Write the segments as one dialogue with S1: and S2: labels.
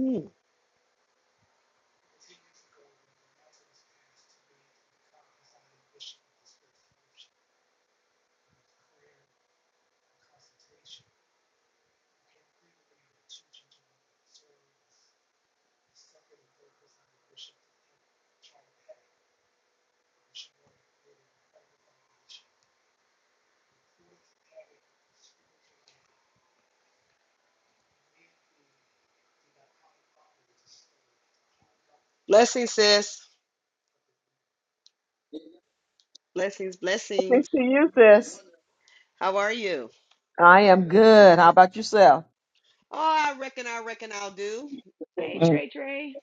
S1: Mm. Blessings, sis. Blessings,
S2: Good
S1: blessings.
S2: to you, sis.
S1: How are you?
S2: I am good. How about yourself?
S1: Oh, I reckon, I reckon I'll do. Hey,
S2: Mm.
S1: Trey Trey.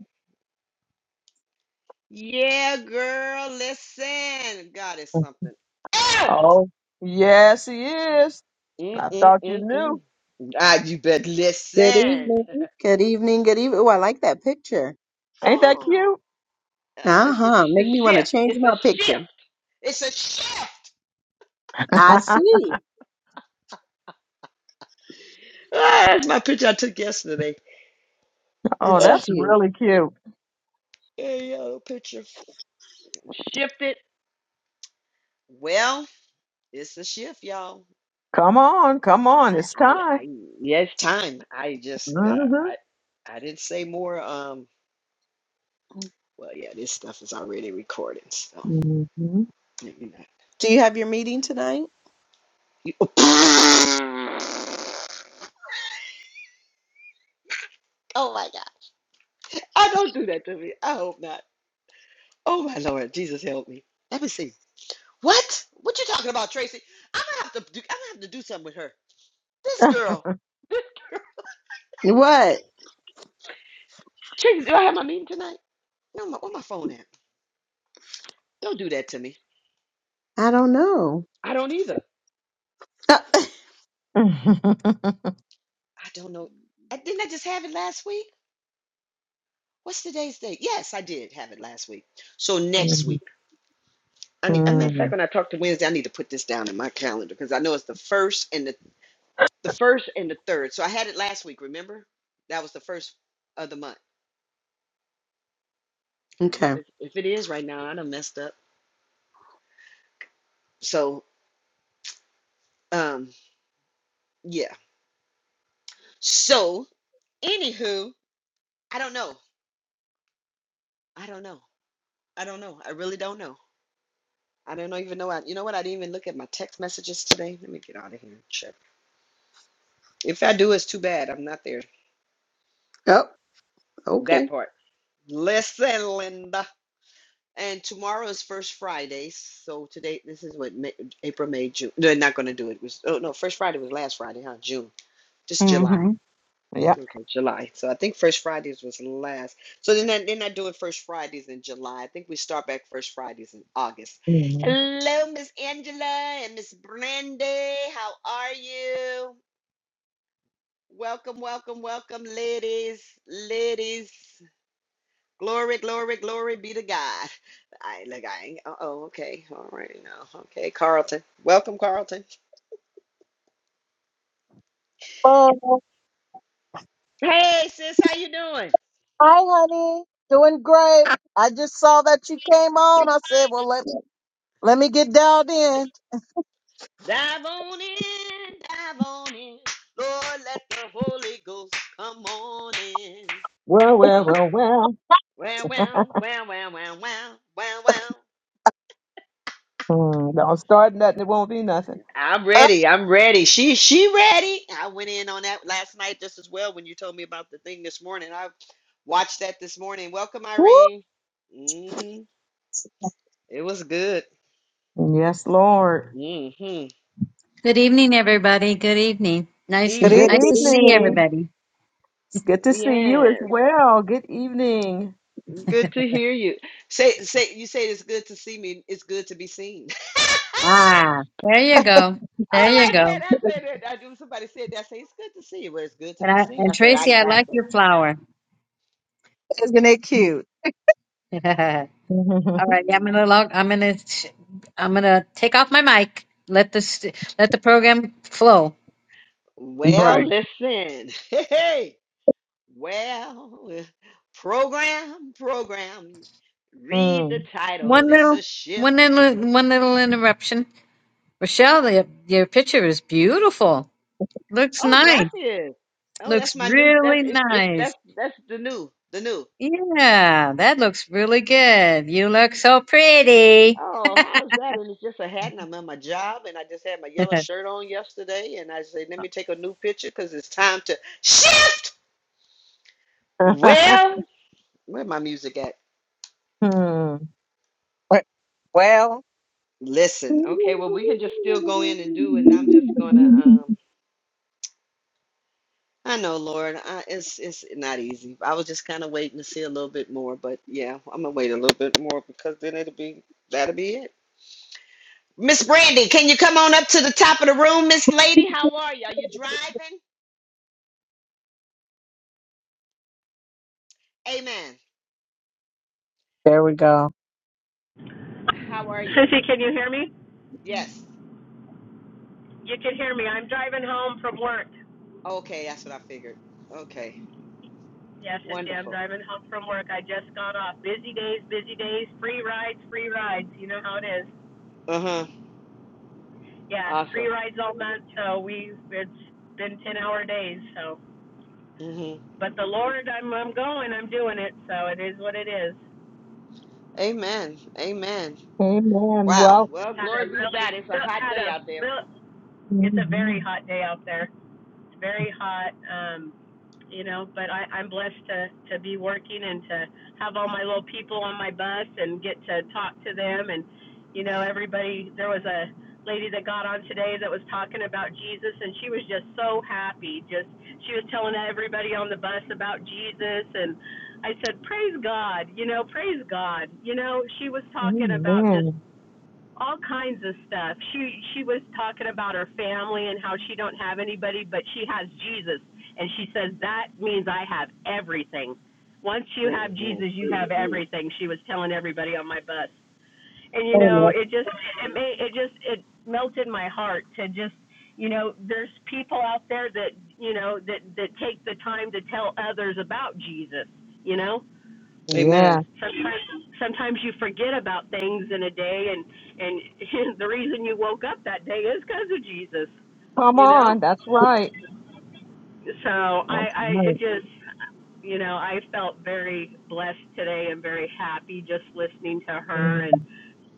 S1: Yeah, girl, listen. God is something. else.
S2: Oh, yes, he is.
S1: Mm,
S2: I
S1: mm,
S2: thought you
S1: mm, mm.
S2: knew.
S1: God, you bet
S3: Good
S1: listen.
S3: evening. Good evening. Good evening. Oh, I like that picture.
S2: Ain't that
S1: Oh,
S2: cute?
S1: oh it's a
S3: Uh-huh.
S1: sh- a
S3: Make me want to
S1: shift.
S3: change
S1: It's a
S3: my picture.
S1: shift. It's a shift.
S3: I see.
S1: Ah, that's my picture I took yesterday.
S2: oh,
S3: That's
S1: Ah,
S2: that's
S3: cute.
S2: really cute.
S1: there you go, picture. Shifted. Well, it's a shift, y'all.
S2: Come on, come on.
S1: I,
S2: It's
S1: I,
S2: time.
S1: I, yeah, it's time. I just, uh,
S2: Mm-hmm.
S1: I, I didn't say more. Um, well, yeah, this stuff is already recorded, so
S2: Mm-hmm.
S1: maybe not.
S3: Do you have your meeting tonight?
S1: You, oh my God! I don't do that to me. I hope not. Oh my Lord, Jesus help me. Let me see. What? What you talking about, Tracy? I'm gonna have to do. I'm gonna have to do something with her. This girl. This girl.
S3: What?
S1: Jeez, do I have my meeting tonight? No, my, where my phone at? Don't do that to me.
S3: I don't know.
S1: I don't either. I don't know. I, didn't I just have it last week? What's today's date? Yes, I did have it last week. So next
S2: mm
S1: week. I need, as a matter of fact, when I talk to Wednesday, I need to put this down in my calendar because I know it's the first and the the first and the third. So I had it last week. Remember, that was the first of the month. Girl, if
S3: Okay.
S1: it, if it is right now, I done messed up. So um, yeah. So anywho, I don't know. I don't know. I don't know. I really don't know. I don't know- even know. I, you know what? I didn't even look at my text messages today. Let me get out of here and check. If I do, it's too bad. I'm not there.
S3: Oh,
S1: That
S3: okay.
S1: part. Listen, Linda. And tomorrow is First Friday. So today, this is what May, April, May, June. They're not going to do it. It was, oh, no, First Friday was last Friday, huh? June. Just July.
S2: hmm Yeah.
S1: Okay, July. So I think First Fridays was last. So then I, then I do it First Fridays in July. I think we start back First Fridays in August.
S2: hmm
S1: Hello, Miss Angela and Miss Brandy. How are you? Welcome, welcome, welcome, ladies, ladies. Glory, glory, glory be to God. I look, I ain't. Uh oh, okay, all right now. Okay, Carlton. Welcome, Carlton.
S4: Oh,
S1: Hey, sis, how you doing?
S4: hi, honey. Doing great. I just saw that you came on. I said, well, let, let me get dialed in.
S1: Dive on in, dive on in. Lord, let the Holy Ghost come on in.
S2: Well, well,
S1: Come.
S2: well, well.
S1: Wow, wow, wow, wow, wow, wow, wow, wow.
S2: Mm, Don't start nothing. It won't be nothing.
S1: I'm
S4: Oh,
S1: ready. I'm ready. She she ready. I went in on that last night just as well when you told me about the thing this morning. I watched that this morning. Welcome,
S2: Woo.
S1: Irene. Mm-hmm. It was good.
S2: Yes, Lord.
S1: Mm-hmm.
S5: Good evening, everybody. Good evening. Nice,
S4: it is.
S2: Good
S1: Evening.
S5: nice
S3: Good
S5: to see
S2: evening.
S3: evening.
S5: everybody.
S2: It's good to see you as
S1: Yes.
S2: well. Good evening.
S1: Good to hear you. Say say you say it's good to see me. It's good to be seen.
S5: Ah, there you go.
S1: I
S5: There you
S1: like
S5: go.
S1: that. I said that. I do. Somebody said that. I say it's good to see you. Well, it's good to
S5: And
S1: be
S5: I,
S1: seen.
S5: and
S1: I said I
S5: Tracy, I
S1: got
S5: like
S1: this.
S5: your flower.
S4: Isn't it cute?
S5: All right, yeah, I'm gonna
S1: Mhm.
S5: log. I'm gonna, sh- I'm gonna take off my mic. Let this, let the program flow.
S1: Well,
S4: Right.
S1: listen. Hey, well, uh, program, program. Read the
S2: Mm.
S1: title.
S5: One
S1: It's
S5: little,
S1: a shift.
S5: one little, one little interruption. Rochelle, your, your picture is beautiful. Looks
S1: Oh,
S5: nice.
S1: gracias. Oh, that's
S5: Looks
S1: my new. That's
S5: really
S1: it's, it's that's
S5: nice.
S1: that's the new, the new.
S5: Yeah, that looks really good. You look so pretty.
S1: Oh, how's that? And it's just a hat, and I'm at my job, and I just had my yellow
S5: Uh,
S1: shirt on yesterday, and I said, let me take a new picture because it's time to shift. Well, where my music at?
S2: Mm.
S4: Right. Well,
S1: Listen, okay, well we can just still go in and do, and I'm just gonna. um I know, Lord, I, it's it's not easy. I was just kind of waiting to see a little bit more, but yeah, I'm gonna wait a little bit more because then it'll be that'll be it. Miss Brandy, can you come on up to the top of the room, Miss Lady? How are you? Are you driving? Amen.
S4: there we go.
S1: How are you?
S6: Sissy, can you hear me?
S1: Yes.
S6: You can hear me. I'm driving home from work.
S1: Okay, that's what I figured. Okay.
S6: Yes, Sissy, I'm
S1: Wonderful.
S6: driving home from work. I just got off. Busy days, busy days. Free rides, free rides. You know how it is.
S1: Uh-huh.
S6: Yeah, free
S1: Awesome.
S6: rides all month. So we it's been ten hour days. So,
S1: hmm
S6: but the Lord, I'm I'm going. I'm doing it. So it is what it is.
S1: Amen. Amen.
S2: Amen.
S1: Wow.
S2: Well,
S6: It's
S1: Well,
S6: had
S1: glory
S6: a
S1: be to God.
S6: really
S1: It's a hot
S6: had
S1: day
S6: a
S1: out there.
S6: real. It's a very
S2: mhm.
S6: hot day out there. It's very hot, um, you know, but I, I'm blessed to, to be working and to have all my little people on my bus and get to talk to them. And, you know, everybody, there was a lady that got on today that was talking about Jesus, and she was just so happy. Just, she was telling everybody on the bus about Jesus. And I said, Praise God, you know, praise God. You know, she was talking about just
S2: amen.
S6: all kinds of stuff. She she was talking about her family and how she don't have anybody, but she has Jesus, and she says that means I have everything. Once you have
S1: Mhm.
S6: Jesus, you have everything. She was telling everybody on my bus, and you know
S4: Amen.
S6: it just it made, it just it melted my heart to just you know there's people out there that you know that that take the time to tell others about Jesus, you know
S2: Yeah.
S1: Amen.
S6: sometimes sometimes you forget about things in a day and and the reason you woke up that day is because of jesus
S2: Come
S6: you know
S2: on. That's right.
S6: so i
S2: That's
S6: i it
S2: right.
S6: just you know i felt very blessed today and very happy just listening to her and
S2: Mhm.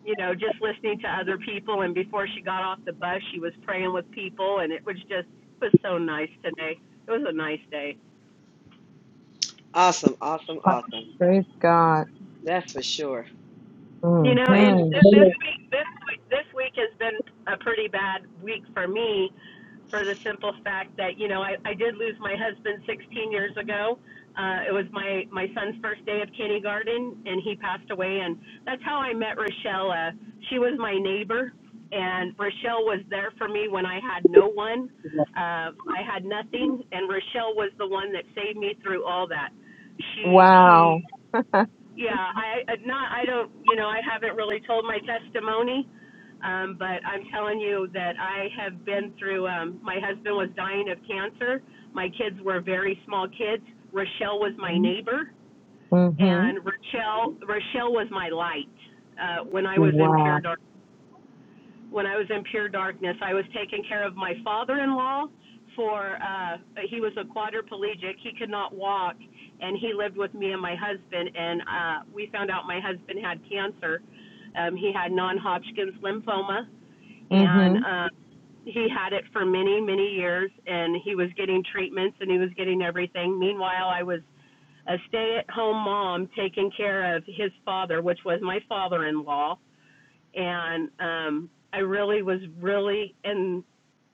S6: you know just listening to other people and before she got off the bus she was praying with people and it was just it was so nice today it was a nice day
S1: Awesome. Awesome. Awesome.
S2: Praise God.
S1: That's for sure.
S6: You know,
S1: Thank you
S6: and
S1: for.
S2: Mm-hmm.
S6: th-
S1: Sh-
S6: this week, this week, this week has been a pretty bad week for me, for the simple fact that you know I, I did lose my husband 16 years ago. Uh, it was my my son's first day of kindergarten, and he passed away, and that's how I met Rochelle. Uh, she was my neighbor, and Rochelle was there for me when I had no one. Uh, I had nothing, and Rochelle was the one that saved me through all that. She
S2: Wow.
S6: she yeah, I I- not I don't you know I haven't really told my testimony, um, but I'm telling you that I have been through. Um, my husband was dying of cancer. My kids were very small kids. Rochelle was my neighbor,
S2: Mm-hmm.
S6: and Rochelle Rochelle was my light uh, when I was in pure
S2: Wow.
S6: darkness when I was in pure darkness. I was taking care of my father-in-law for uh he was a quadriplegic. He could not walk and he lived with me and my husband and uh we found out my husband had cancer. Um he had non-Hodgkin's lymphoma and
S2: Mm-hmm.
S6: uh he had it for many, many years and he was getting treatments and he was getting everything. Meanwhile, I was a stay-at-home mom taking care of his father, which was my father-in-law and um, I really was really in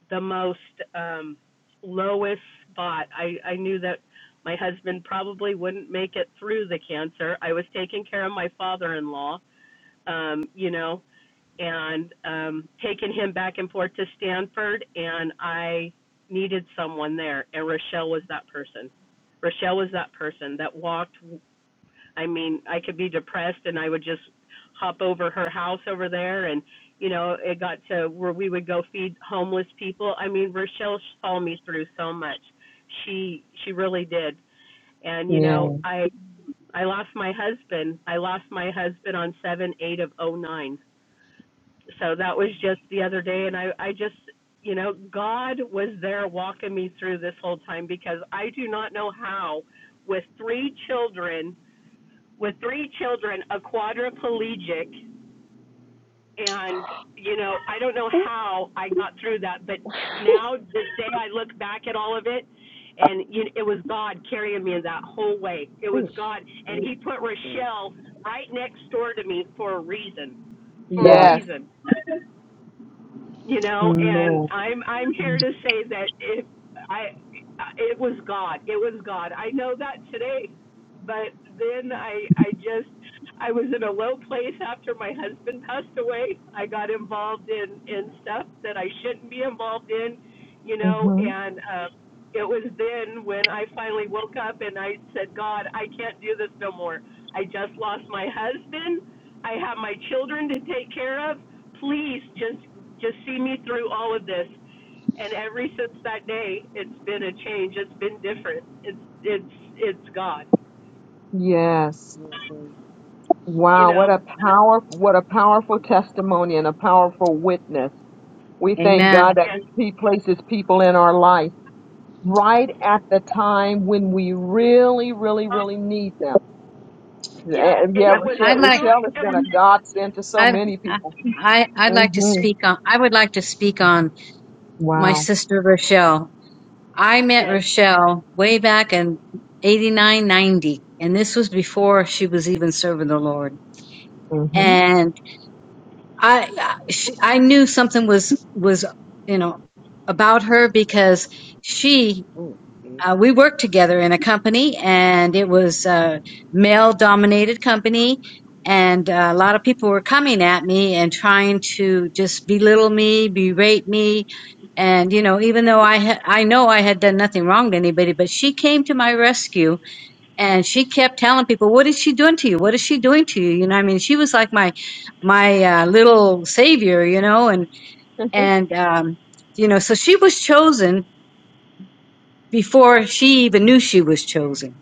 S6: the most um, lowest spot. I, I knew that my husband probably wouldn't make it through the cancer. I was taking care of my father-in-law, um, you know, and um, taking him back and forth to Stanford, and I needed someone there, and Rochelle was that person. Rochelle was that person that walked I mean, I could be depressed and I would just hop over her house over there and you know, it got to where we would go feed homeless people. I mean, Rochelle saw me through so much. She she really did. And you
S2: Yeah.
S6: know, I I lost my husband. I lost my husband on 7 8 of oh nine. So that was just the other day and I I just you know, God was there walking me through this whole time because I do not know how with three children with three children, a quadriplegic, and you know, I don't know
S1: Ooh,
S6: how I got through that, but now this day I look back at all of it, and you know, it was God carrying me that whole way. It was
S1: ooh,
S6: God, and
S1: ooh,
S6: He put
S1: ooh, ooh,
S6: Rochelle right next door to me for a reason, for a
S4: Wow.
S2: Yes.
S6: reason you
S2: Yes.
S6: know and i'm i'm here to say that if i it was god it was god i know that today but then i i just i was in a low place after my husband passed away i got involved in in stuff that i shouldn't be involved in you know
S2: Mm-hmm.
S6: and um it was then when i finally woke up and i said god i can't do this no more i just lost my husband i have my children to take care of please just just see me through all of this. And every since that day, it's been a change. It's been different. It's it's it's God.
S2: Yes.
S1: ooh,
S6: You
S2: Wow, what
S6: know.
S2: a power what a powerful testimony and a powerful witness. We thank God
S5: Amen.
S2: that
S6: Yes.
S2: he places people in our life right at the time when we really, really, really need them.
S6: Yeah.
S2: Eh,
S6: And
S2: Yeah,
S5: I,
S6: it was
S2: Rochelle,
S5: I'd like
S6: through.
S2: Rochelle has
S6: It
S2: been a
S6: was
S2: godsend to so
S5: I,
S2: many
S5: I
S2: people.
S5: I- I'd like to
S2: hmm
S5: speak on. I would like to speak on my
S2: Wow.
S5: sister Rochelle. I met
S6: yes.
S5: Rochelle way back in eighty nine ninety, and this was before she was even serving the Lord.
S2: hmm
S5: And I I- she, I knew something was was you know about her because she
S1: ooh, ooh,
S5: uh, we
S1: ooh,
S5: worked together in a company and it was a male dominated company and uh, a lot of people were coming at me and trying to just belittle me berate me and you know even though i ha- i know i had done nothing wrong to anybody but she came to my rescue and she kept telling people what is she doing to you what is she doing to you you know i mean she was like my my uh, little savior you know and and um you know so she was chosen before she even knew she was chosen.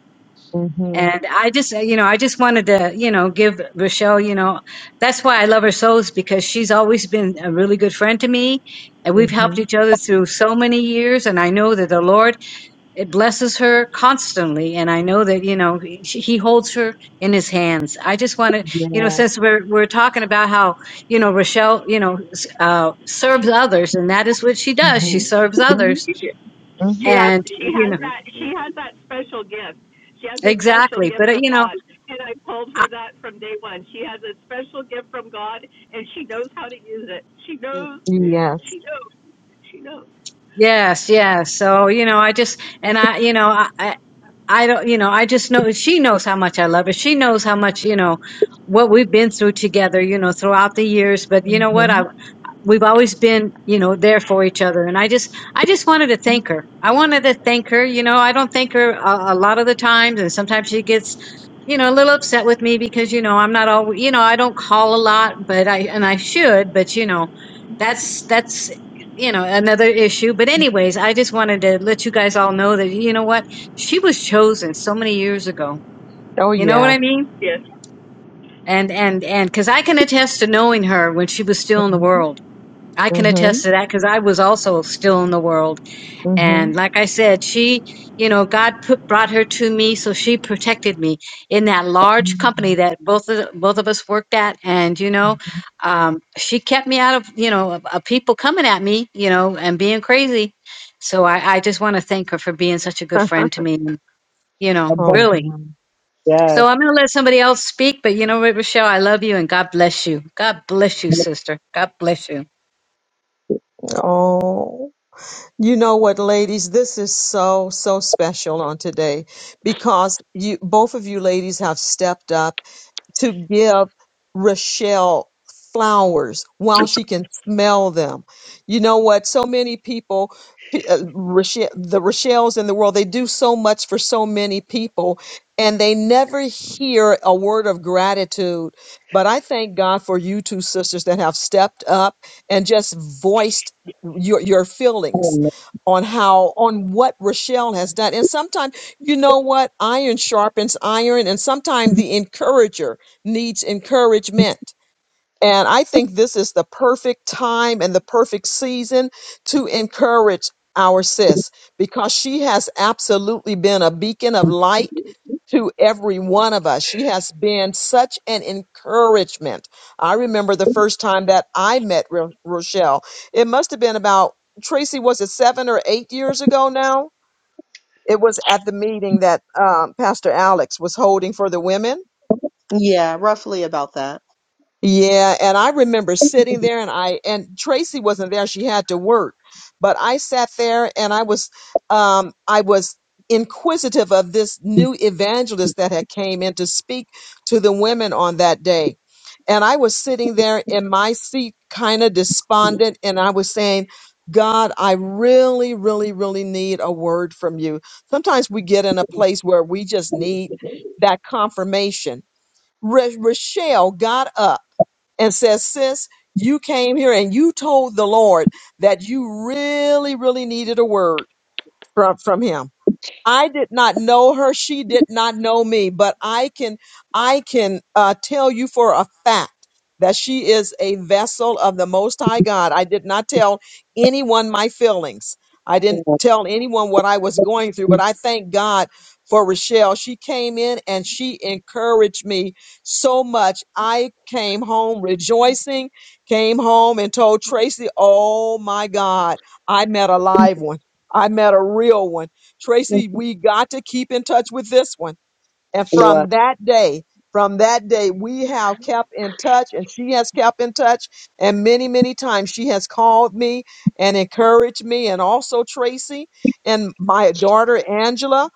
S2: hmm
S5: And I just, uh, you know, I just wanted to, you know, give Rochelle, you know, that's why I love her so is because she's always been a really good friend to me. And we've
S2: hmm
S5: helped each other through so many years. And I know that the Lord, it blesses her constantly. And I know that, you know, she, he holds her in his hands. I just want to, you know,
S2: Yeah.
S5: since we're, we're talking about how, you know, Rochelle, you know, s- uh, serves others and that is what she does. She
S2: hmm
S1: ooh,
S5: serves
S2: hmm
S5: others.
S6: She
S2: hmm
S6: has
S5: And,
S1: ooh,
S6: she
S5: you know,
S6: has that
S1: ooh,
S6: she has that special gift. She has a special
S5: Exactly. But,
S6: gift
S5: uh,
S6: from
S5: you know,
S6: God, and I told
S5: I,
S6: her that from day one. She has a special gift from God, and she knows how to use it. She
S1: ooh,
S6: knows.
S1: ooh.
S2: Yes.
S6: She knows. She knows.
S5: yes, yes. So, you know, I just, and I, you know, I, I I don't, you know, I just know she knows how much I love her. She knows how much, you know, what we've been through together, you know, throughout the years. But you know what?
S2: hmm
S5: I. we've always been you know there for each other and i just i just wanted to thank her i wanted to thank her you know i don't thank her a, a lot of the times and sometimes she gets you know a little upset with me because you know i'm not all you know i don't call a lot but i and i should but you know that's that's you know another issue but anyways i just wanted to let you guys all know that you know what she was chosen so many years ago
S2: Oh,
S5: you know what i
S2: yes.
S5: mean
S6: Yes.
S5: and and and because i can attest to knowing her when she was still in the
S2: hmm
S5: world I can attest to that because I was also still in the world.
S2: hmm
S5: And like I said, she, you know, God put, brought her to me, so she protected me in that large company that both of both of us worked at. And you know,
S2: hmm
S5: um, she kept me out of, you know, of, of people coming at me, you know, and being crazy. So I, I just want to thank her for being such a good friend to me. And, you know,
S4: Above-
S2: Oh,
S5: really.
S2: wow.
S5: So
S4: Yes.
S5: I'm going to let somebody else speak, but you know, what, Rochelle, I love you and God bless you. God bless you, sister. God bless you.
S2: oh, you know what, ladies? This is so, so special on today because you, both of you ladies have stepped up to give Rochelle flowers while she can smell them. You know what? So many people, pe- uh, Rochelle, the Rochelles in the world, they do so much for so many people and they never hear a word of gratitude. But I thank God for you two sisters that have stepped up and just voiced your, your feelings
S4: Amen.
S2: on how on what Rochelle has done. And sometimes, you know what? Iron sharpens iron and sometimes the encourager needs encouragement. And I think this is the perfect time and the perfect season to encourage our sis because she has absolutely been a beacon of light to every one of us. She has been such an encouragement. I remember the first time that I met Ro- Rochelle. It must have been about, Tracy, was it seven or eight years ago now? It was at the meeting that um, Pastor Alex was holding for the women
S3: Yeah, roughly about that.
S2: Yeah, and I remember sitting there and I and Tracy wasn't there, she had to work. But I sat there and I was um I was inquisitive of this new evangelist that had came in to speak to the women on that day. And I was sitting there in my seat kind of despondent and I was saying, God, I really, really, really need a word from you. Sometimes we get in a place where we just need that confirmation. Ra- Rochelle got up and says, Sis, you came here and you told the Lord that you really, really needed a word from, from him. I did not know her. She did not know me, but I can, I can uh, tell you for a fact that she is a vessel of the Most High God. I did not tell anyone my feelings. I didn't tell anyone what I was going through, but I thank God for Rochelle. She came in and she encouraged me so much. I came home rejoicing, came home and told Tracy, Oh my God, I met a live one. I met a real one. Tracy, we got to keep in touch with this one. And
S4: Lord.
S2: from that day, from that day, we have kept in touch and she has kept in touch. And many, many times she has called me and encouraged me, and also Tracy and my daughter Angela,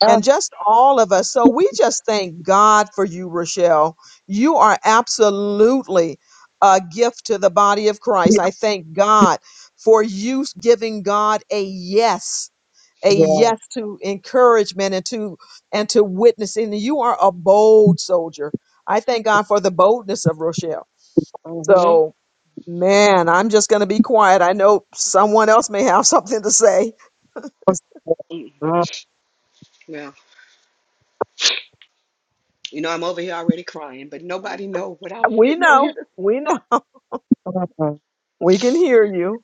S4: Oh,
S2: and just all of us. So we just thank God for you, Rochelle. You are absolutely a gift to the body of Christ. I thank God for you giving God a yes a
S4: yeah.
S2: yes to encouragement and to and to witnessing. You are a bold soldier. I thank God for the boldness of Rochelle.
S4: Mm-hmm.
S2: So man, I'm just gonna be quiet. I know someone else may have something to say.
S1: Mm. Well, you know I'm over here already crying, but nobody know what I was
S2: We
S1: getting on here
S2: know, we know, we can hear you.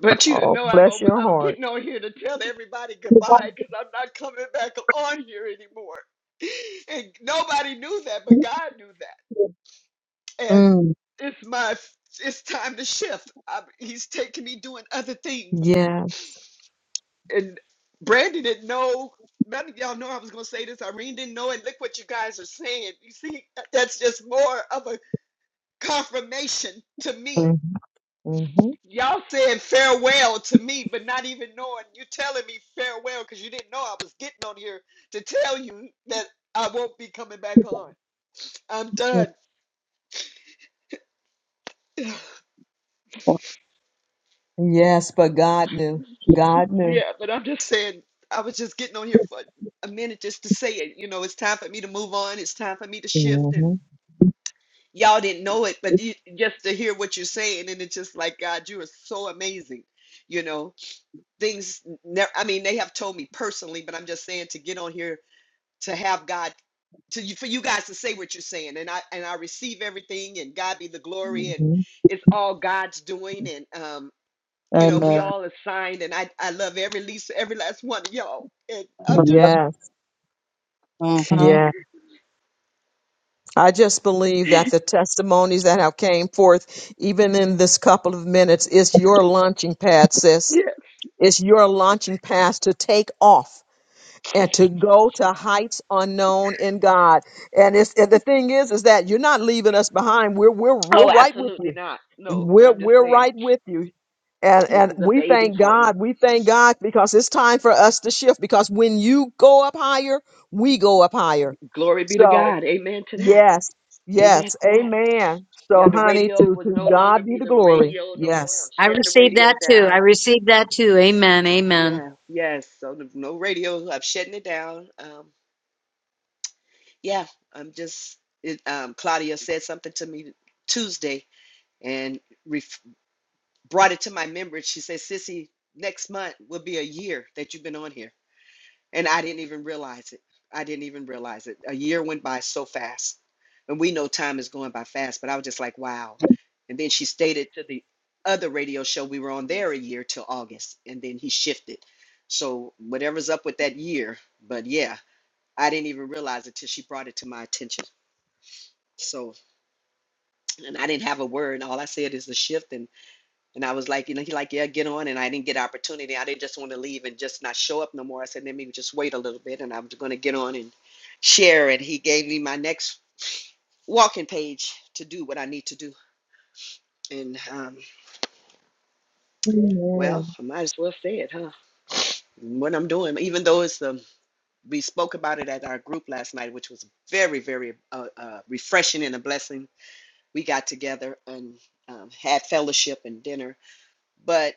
S1: But you
S2: Oh,
S1: know, I'm
S2: bless
S1: on-
S2: your
S1: I'm
S2: heart.
S1: getting on here to tell everybody goodbye because I'm not coming back on here anymore. And nobody knew that, but God knew that. And
S4: Mm-hmm.
S1: it's my it's time to shift. i he's taking me doing other things.
S2: Yeah.
S1: And Brandy didn't know. None of y'all know I was gonna say this. Irene didn't know. And look what you guys are saying. You see, that's just more of a confirmation to me
S2: Mm-hmm. Mm-hmm.
S1: Y'all said farewell to me, but not even knowing you telling me farewell because you didn't know I was getting on here to tell you that I won't be coming back on. I'm done.
S2: Yes, but God knew. God knew.
S1: Yeah, but I'm just saying, I was just getting on here for a minute just to say it. You know, it's time for me to move on. It's time for me to shift.
S2: Mm-hmm.
S1: And y'all didn't know it, but you, just to hear what you're saying, and it's just like, God, you are so amazing. You know, things, ne- I mean, they have told me personally, but I'm just saying to get on here to have God to you for you guys to say what you're saying and I and I receive everything and God be the glory and
S2: Mm-hmm.
S1: it's all God's doing and um you know we
S4: Amen.
S1: all assigned and I I love every least every last one of y'all and I'm just
S2: Yes.
S4: Mm-hmm.
S2: Yes. I just believe that the testimonies that have came forth, even in this couple of minutes, is your launching pad, sis.
S1: yeah
S2: It's your launching pad to take off and to go to heights unknown in God. And it's and the thing is, is that you're not leaving us behind. We're we're
S1: oh
S2: we're right with
S1: absolutely
S2: you.
S1: not no but
S2: We're
S1: I'm just
S2: we're
S1: saying
S2: right with you. And
S1: this
S2: and
S1: is a
S2: we
S1: baby
S2: thank
S1: for me
S2: God. We thank God because it's time for us to shift. Because when you go up higher, we go up higher.
S1: glory be to
S2: So
S1: God amen to that
S2: Yes.
S1: amen
S2: Yes.
S1: to that
S2: Amen.
S1: yeah
S2: So,
S1: the
S2: honey,
S1: radio
S2: to,
S1: will
S2: to
S1: no longer
S2: God be
S1: be
S2: the
S1: the
S2: glory.
S1: radio no more I'm
S2: Yes.
S5: I
S1: shutting the
S5: received
S1: radio
S5: that too. I
S1: down
S5: received that too. Amen. Amen.
S1: yeah yes so the, no radio I'm shutting it down um Yeah, I'm just it, um, Claudia said something to me Tuesday and ref- brought it to my memory. She said, "Sissy, next month will be a year that you've been on here," and I didn't even realize it. I didn't even realize it. A year went by so fast, and we know time is going by fast. But I was just like, "Wow!" And then she stated to the other radio show we were on there a year till August, and then he shifted. So whatever's up with that year, but yeah, I didn't even realize it till she brought it to my attention. So and I didn't have a word. All I said is the shift, and and I was like, you know, he like, yeah, get on. And I didn't get opportunity. I didn't just want to leave and just not show up no more. I said, let me just wait a little bit, and I'm going to get on and share. And he gave me my next walking page to do what I need to do. And um, well,
S2: Amen.
S1: I might as well say it, huh? What I'm doing, even though it's the we spoke about it at our group last night, which was very, very uh, uh, refreshing and a blessing. We got together and um, had fellowship and dinner, but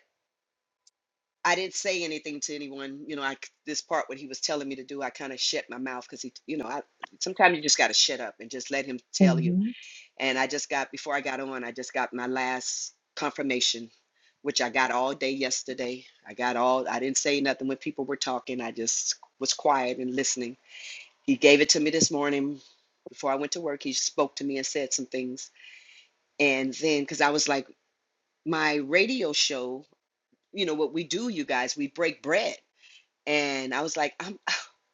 S1: I didn't say anything to anyone. You know, I c- this part what he was telling me to do, I kind of shut my mouth because he, you know, I sometimes you just got to shut up and just let him tell you.
S2: hmm
S1: And I just got before I got on, I just got my last confirmation, which I got all day yesterday. I got all. I didn't say nothing when people were talking. I just was quiet and listening. He gave it to me this morning before I went to work. He spoke to me and said some things, and then because I was like, my radio show, you know what we do, you guys, we break bread and I was like, I'm,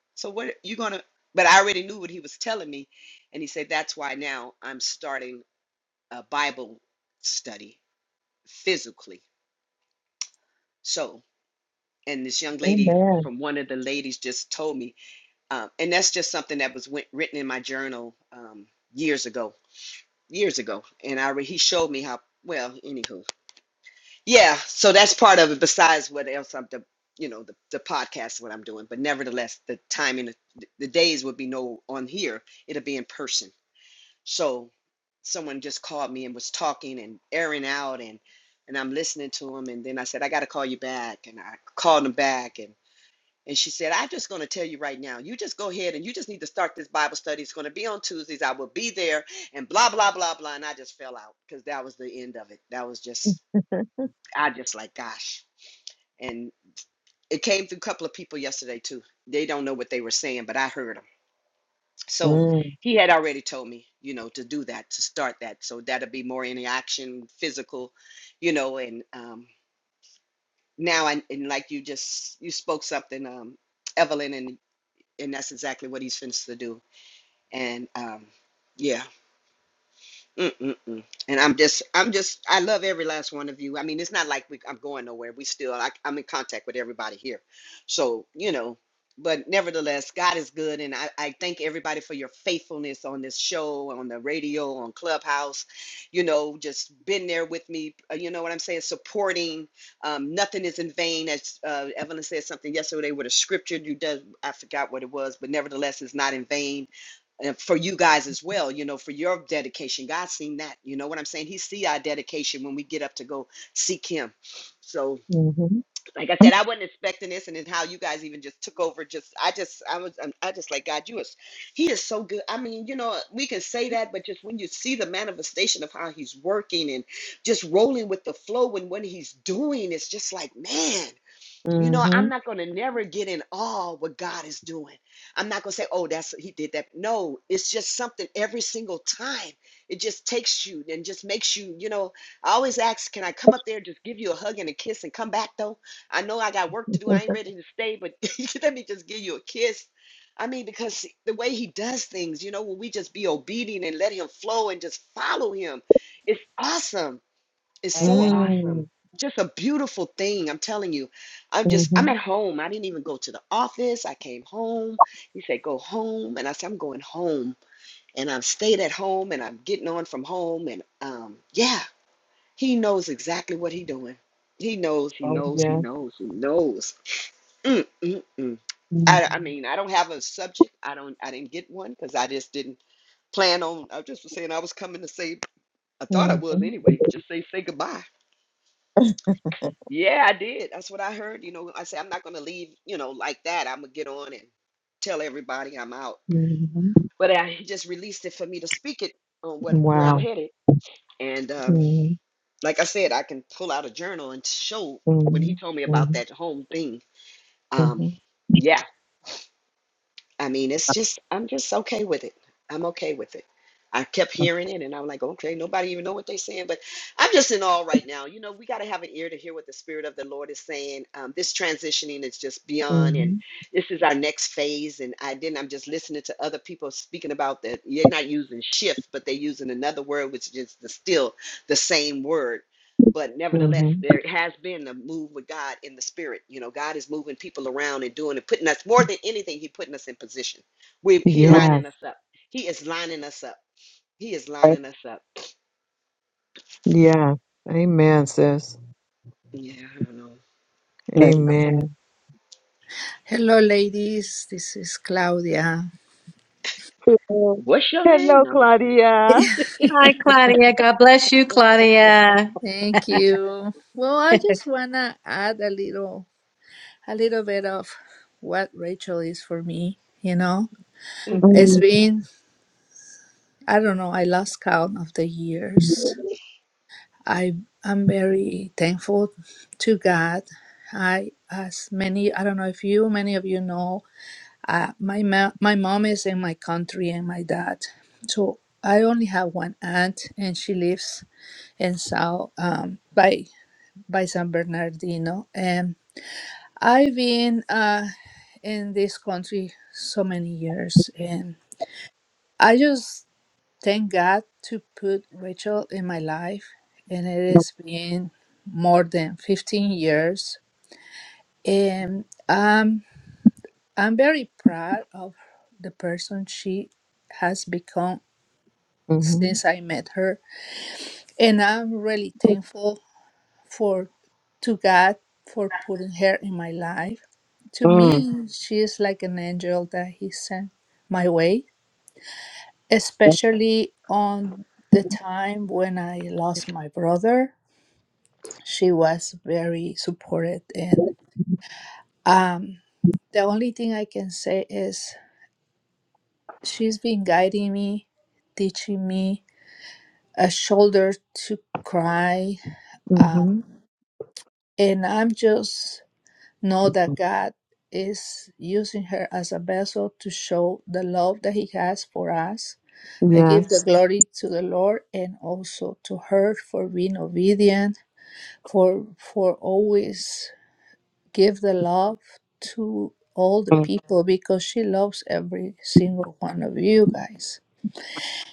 S1: so what you gonna? But I already knew what he was telling me, and he said that's why now I'm starting a Bible study physically. So, and this young lady
S2: Amen.
S1: from one of the ladies just told me, um, and that's just something that was went, written in my journal um, years ago, years ago, and I re- he showed me how. Well, anywho, Yeah, so that's part of it. Besides what else I'm the you know the the podcast what I'm doing, but nevertheless the timing the, the days would be no on here. It'll be in person. So someone just called me and was talking and airing out and and I'm listening to him and then I said I got to call you back and I called him back and and she said I'm just going to tell you right now. You just go ahead and you just need to start this Bible study. It's going to be on Tuesdays. I will be there and blah blah blah blah and I just fell out cuz that was the end of it. That was just I just like gosh and it came through a couple of people yesterday too. They don't know what they were saying, but I heard them. So
S2: Mm.
S1: he had already told me, you know, to do that, to start that. So that'll be more interaction, physical, you know, and um, now I and like you just you spoke something, um, Evelyn, and and that's exactly what he's finished to do. And um, yeah, Mm-mm-mm. And I'm just, I'm just, I love every last one of you. I mean, it's not like we, I'm going nowhere. We still, I, I'm in contact with everybody here. So, you know, but nevertheless, God is good. And I, I thank everybody for your faithfulness on this show, on the radio, on Clubhouse, you know, just been there with me. uh, You know what I'm saying? Supporting. Um, nothing is in vain. As uh, Evelyn said something yesterday with a scripture you does, I forgot what it was, but nevertheless, it's not in vain and for you guys as well, you know, for your dedication. God's seen that. You know what I'm saying? He see our dedication when we get up to go seek him. So,
S2: Mm-hmm.
S1: like I said, I wasn't expecting this, and then how you guys even just took over. Just, I just, I was, I'm- I just like God. You is, He is so good. I mean, you know, we can say that, but just when you see the manifestation of how He's working and just rolling with the flow and what He's doing, it's just like, man. You know,
S2: Mm-hmm.
S1: I'm not going to never get in awe what God is doing. I'm not going to say, oh, that's he did that. No, it's just something every single time. It just takes you and just makes you, you know. I always ask, can I come up there, just give you a hug and a kiss and come back though? I know I got work to do. I ain't ready to stay, but let me just give you a kiss. I mean, because the way he does things, you know, when we just be obedient and let him flow and just follow him, it's awesome it's so
S4: Amen.
S1: awesome.
S2: Mm.
S1: Just a beautiful thing. I'm telling you. I'm just,
S2: Mm-hmm.
S1: I'm at home. I didn't even go to the office. I came home. He said, go home. And I said, I'm going home. And I've stayed at home and I'm getting on from home. And um, yeah, he knows exactly what he's doing. He knows, he
S2: Oh,
S1: knows, he
S2: yeah.
S1: knows, he knows. Mm, mm, mm. I, I
S2: Mm-hmm.
S1: mean, I don't have a subject. I don't, I didn't get one because I just didn't plan on, I just was saying I was coming to say, I thought I was
S2: Mm-hmm.
S1: anyway, just say, say goodbye Yeah, I did. That's what I heard. You know, I said I'm not going to leave, you know, like that. I'm going to get on and tell everybody I'm out.
S2: Mm-hmm.
S1: But I, he just released it for me to speak it on what where I'm
S2: Wow.
S1: headed. And um,
S2: Mm-hmm.
S1: like I said, I can pull out a journal and show when
S2: Mm-hmm.
S1: he told me about that home thing. Um,
S2: Mm-hmm.
S1: yeah. I mean, it's just I'm just okay with it. I'm okay with it. I kept hearing it, and I'm like, okay, nobody even know what they're saying, but I'm just in awe right now. You know, we got to have an ear to hear what the Spirit of the Lord is saying. Um, this transitioning is just beyond, and
S2: Mm-hmm.
S1: this is our next phase. And I didn't. I'm just listening to other people speaking about that. They're not using shift, but they're using another word, which is just the, still the same word but nevertheless
S2: Mm-hmm.
S1: there has been a move with god in the spirit you know god is moving people around and doing and putting us more than anything he putting us in position we he lining
S2: Yes.
S1: us up he is lining us up he is
S4: Right.
S1: lining us up
S2: Yes. Amen, sis.
S1: yeah i don't know
S4: Amen.
S1: I'm,
S2: Amen.
S7: Hello, ladies. This is Claudia.
S1: what's your name
S2: Hello,
S1: No, i'm just playing
S2: Claudia.
S5: Hi, Claudia. God bless you, Claudia.
S7: Thank you. Well, I just wanna add a little, a little bit of what Rachel is for me. You know,
S2: Mm-hmm.
S7: it's
S4: mm
S7: been I don't know. I lost count of the years. I I'm very thankful to God. I as many I don't know if you many of you know. Uh, my ma- my mom is in my country and my dad, so I only have one aunt and she lives and so um, by by San Bernardino. And I've been uh, in this country so many years, and I just thank God to put Rachel in my life, and it has been more than 15 years, and um, I'm very proud of the person she has become
S2: Mm-hmm.
S7: since I met her, and I'm really thankful for to God for putting her in my life. To
S4: Mm,
S7: me, Mm. she is like an angel that He sent my way, especially on the time when I lost my brother. She was very supported. and um, the only thing I can say is she's been guiding me, teaching me a shoulder to cry,
S2: Mm-hmm.
S7: um, and I'm just Know that
S4: mm,
S7: God is using her as a vessel to show the love that He has for us. I give
S2: Yes.
S7: the glory to the Lord and also to her for being obedient, for for always give the love to all the
S4: mm.
S7: people because she loves every single one of you guys.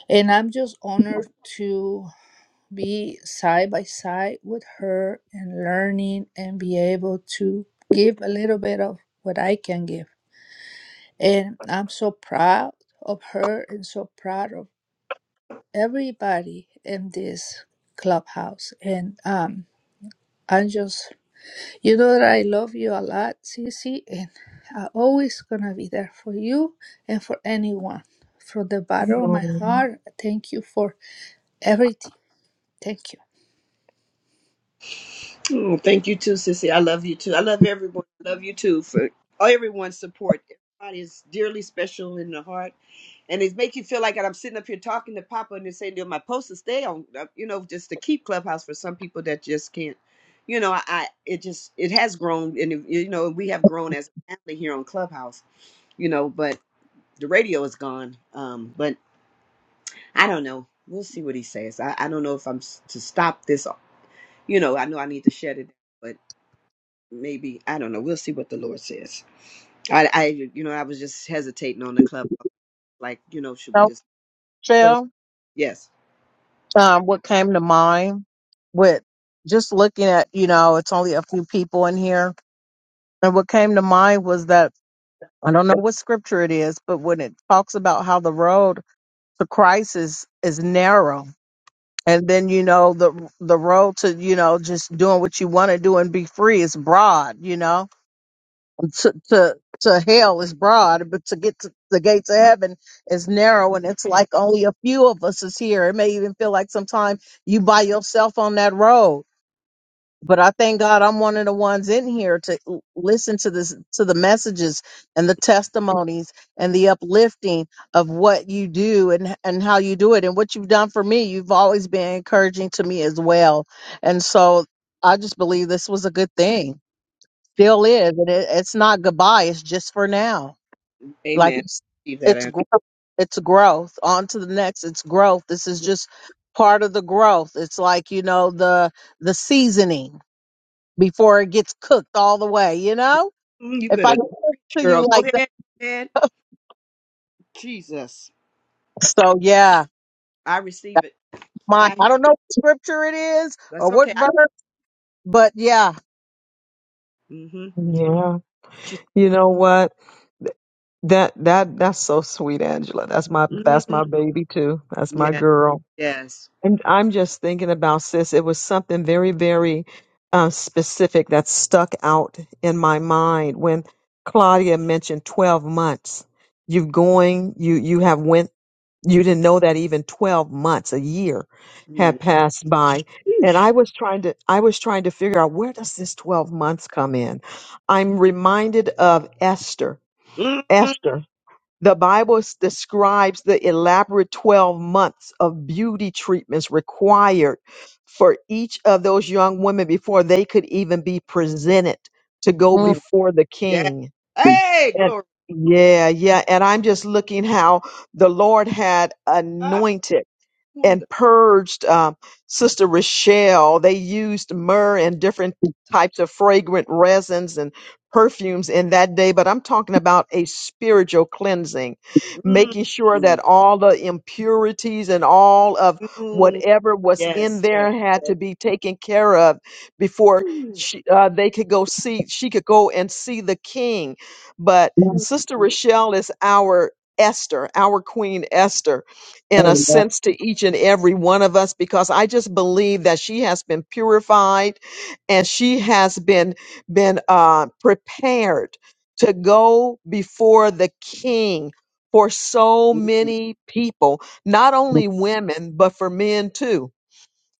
S7: And I'm just honored to be side by side with her and learning and be able to give a little bit of what I can give. And I'm so proud of her and so proud of everybody in this clubhouse. And um, I'm just, you know, that I love you a lot, Cece, and I'm always gonna be there for you and for anyone. From the bottom of my
S2: Mm,
S7: heart, thank you for everything. Thank you.
S1: Oh, thank you too, Sissy. I love you too. I love everyone. I love you too for all everyone's support. Everybody is dearly special in the heart. And it make you feel like I'm sitting up here talking to Papa and they're saying, you my post to stay on, uh, you know, just to keep Clubhouse for some people that just can't. You know, I, I it just, it has grown. And, it- you know, we have grown as a family here on Clubhouse, you know, but the radio is gone. Um, But I don't know. We'll see what he says. I, I don't know if I'm s- to stop this. You know, I know I need to shut it down, maybe I don't know. We'll see what the Lord says. I, I, you know, I was just hesitating on the club, like you know, should we
S4: So,
S1: just go?
S4: Michelle,
S1: Yes,
S4: um, what came to mind with just looking at, you know, it's only a few people in here. And what came to mind was that I don't know what scripture it is, but when it talks about how the road to Christ is, is narrow. And then you know the the road to you know just doing what you want to do and be free is broad, you know to to to hell is broad, but to get to the gates of heaven is narrow, and it's like only a few of us is here. It may even feel like sometimes you by yourself on that road. But I thank God I'm one of the ones in here to l- listen to this to the messages and the testimonies and the uplifting of what you do and and how you do it and what you've done for me. You've always been encouraging to me as well, and so I just believe this was a good thing still is, and it, it's not goodbye. It's just for now. Like
S1: Amen.
S4: it's
S1: Receive that
S4: it's
S1: answer.
S4: growth. It's growth. On to the next. It's growth. This is just part of the growth. It's like you know the the seasoning before it gets cooked all the way. You know,
S1: Mm, You
S4: if I
S1: better
S4: talk
S1: preach,
S4: to
S1: girl.
S4: you
S1: Go
S4: like that,
S1: ahead, go ahead. Jesus,
S4: so yeah.
S1: I receive it.
S4: My
S1: I
S4: I don't know what scripture it is or
S1: that's
S4: what
S1: okay. I,
S4: verse, but yeah.
S1: mm-hmm.
S2: Yeah.
S1: She,
S2: You know what? Th- That that that's so sweet, Angela. That's my that's
S1: hmm
S2: my baby too. That's my
S1: Yeah,
S2: girl.
S1: yes.
S2: And I'm just thinking about sis. It was something very, very uh, specific that stuck out in my mind when Claudia mentioned 12 months. You've going, you you have went You didn't know that even 12 months, a year had
S1: Mm.
S2: passed by. And
S1: Sheesh.
S2: I was trying to, I was trying to figure out where does this 12 months come in? I'm reminded of Esther.
S1: Mm,
S2: Esther. The Bible s- describes the elaborate 12 months of beauty treatments required for each of those young women before they could even be presented to go
S4: Mm,
S1: Yeah,
S2: before the
S1: yeah.
S2: king.
S1: Hey,
S2: And
S1: glory.
S2: yeah, yeah. And I'm just looking how the Lord had
S1: Ah,
S2: anointed
S1: wonder.
S2: and purged um, Sister Rochelle. They used myrrh and different types of fragrant resins and perfumes in that day, but I'm talking about a spiritual cleansing,
S1: Mm,
S2: making sure
S1: mm,
S2: that all the impurities and all of
S1: mm.
S2: whatever was in
S1: Yes, yes,
S2: there had
S1: yes.
S2: to be taken care of before
S1: Mm,
S2: she, uh, they could go see, she could go and see the king. But
S4: mm,
S2: Sister
S1: mm,
S2: Rochelle is our Esther, our Queen Esther in a
S4: mm,
S2: sense to each and every one of us because I just believe that she has been purified and she has been been uh, prepared to go before the King for so
S1: mm.
S2: many people, not
S4: mm,
S2: only women but for men too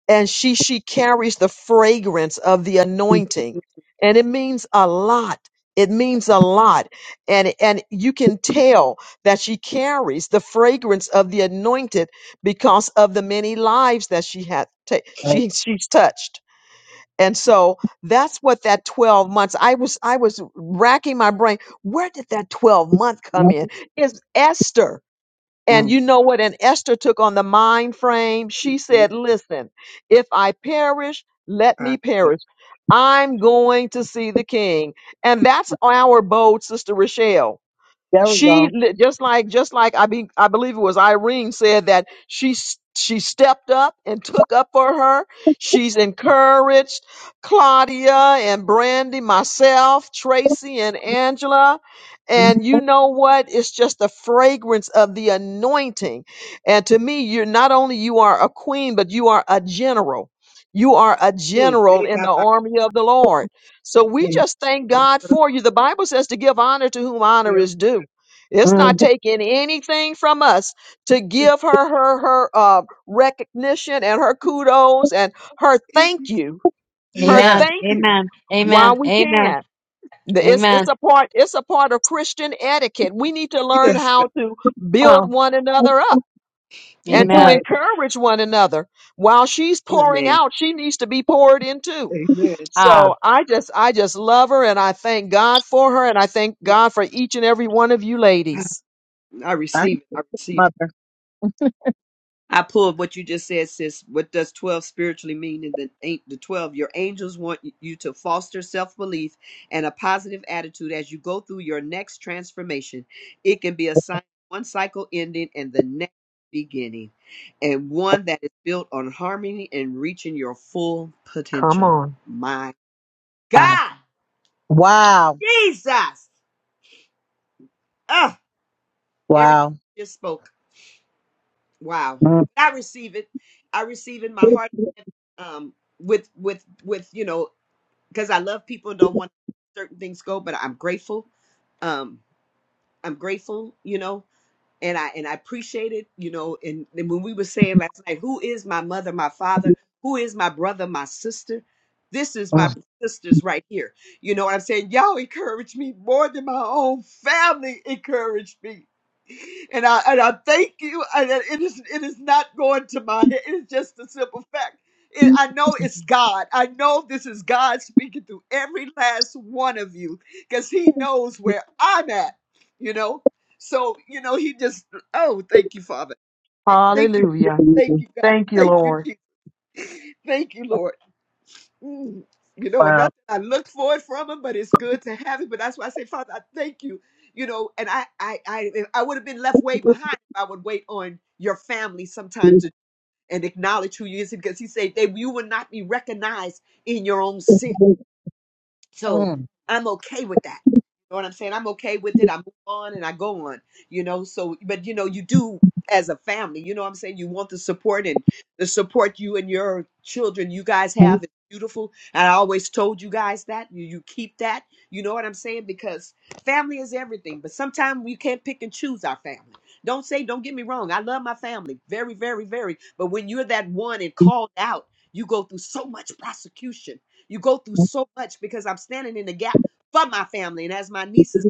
S2: and she she carries the fragrance of the anointing and it means a lot it means a lot and and you can tell that she carries the fragrance of the anointed because of the many lives that she had ta-
S4: mm,
S2: she she's touched and so that's what that 12 months i was i was racking my brain where did that 12 month come
S4: mm,
S2: in is esther and
S4: mm.
S2: you know what? And Esther took on the mind frame. She
S1: Yes,
S2: said, Listen, if I perish, let me perish. I'm going to see the king. And that's our bold sister Rochelle
S4: There we
S2: she
S4: go.
S2: li- just like just like I be I believe it was Irene said that she s- she stepped up and took up for her. She's encouraged Claudia and Brandy, myself, Tracy and Angela.
S4: Mm,
S2: And you know what? It's just the fragrance of the anointing. And to me, you're not only you are a queen, but you are a general. You are a general in the army of the Lord. So we
S4: mm,
S2: just thank God for you. The Bible says to give honor to whom honor is due. It's not
S4: mm.
S2: taking anything from us to give her her her uh, recognition and her kudos and her thank you, her
S5: Amen.
S4: Yes.
S2: thank you,
S5: Amen.
S2: while
S5: Amen.
S2: we
S5: Amen.
S2: can. The- It's it's
S5: Amen.
S2: a part it's a part of Christian etiquette. We need to learn
S1: God.
S2: how to build
S4: Oh,
S2: one another up and
S1: Mm,
S2: to
S5: Amen.
S4: right.
S2: encourage one another. While she's pouring
S1: Amen.
S2: out, she needs to be poured into.
S1: Amen.
S5: Ah.
S2: So I just I just love her and I thank God for her and I thank
S1: Mm,
S2: God for each and every one of you ladies.
S1: I receive it. I receive it.
S4: mother.
S1: I pulled what you just said, sis. What does 12 spiritually mean in the, ain't the 12? Your angels want you to foster self belief and a positive attitude as you go through your next transformation. It can be a sign of one cycle ending and the next beginning, and one that is built on harmony and reaching your full
S2: Come
S1: potential.
S2: on.
S1: My
S4: Wow.
S1: God,
S4: Wow.
S1: Jesus! Ah, everything
S4: Wow.
S1: you just spoke. Wow.
S4: Mm.
S1: I receive it. I receive it. in My heart um with with with you know because I love people and don't want certain things go, but I'm grateful. Um I'm grateful, you know and I and I appreciate it, you know. And, and when we were saying last night, who is my mother, my father, who is my brother, my sister? This is my sisters right here. You know what I'm saying? Y'all encourage me more than my own family encouraged me. And I and I thank you. I, it is it is not going to my head. It's just a simple fact. It, I know it's God. I know this is God speaking through every last one of you because He knows where I'm at. You know, so, you know, he just, oh, thank you, Father. Eh, Thank you.
S2: Hallelujah.
S1: Thank
S4: Mm.
S1: you, God.
S2: Thank you,
S1: Thank you,
S2: Lord.
S1: Jesus. Thank you, Lord. Mm. You know, and
S4: Wow.
S1: not that I look for it from him, but it's good to have it. But that's why I say, Father, I thank you. You know, and I, I, I, I would have been left way behind if I would wait on your family sometime
S4: Mm.
S1: to and acknowledge who you is because he said that you will not be recognized in your own city. So I'm okay with that. You know what I'm saying? I'm okay with it. I move on and I go on, you know. So, but you know, you do as a family, you know what I'm saying? You want the support and the support you and your children, you guys have is beautiful. And I always told you guys that. You, you keep that. You know what I'm saying? Because family is everything. But sometimes we can't pick and choose our family. Don't say, don't get me wrong. I love my family very, very, very. But when you're that one and called out, you go through so much prosecution you go through so much because I'm standing in the gap for my family. And as my nieces,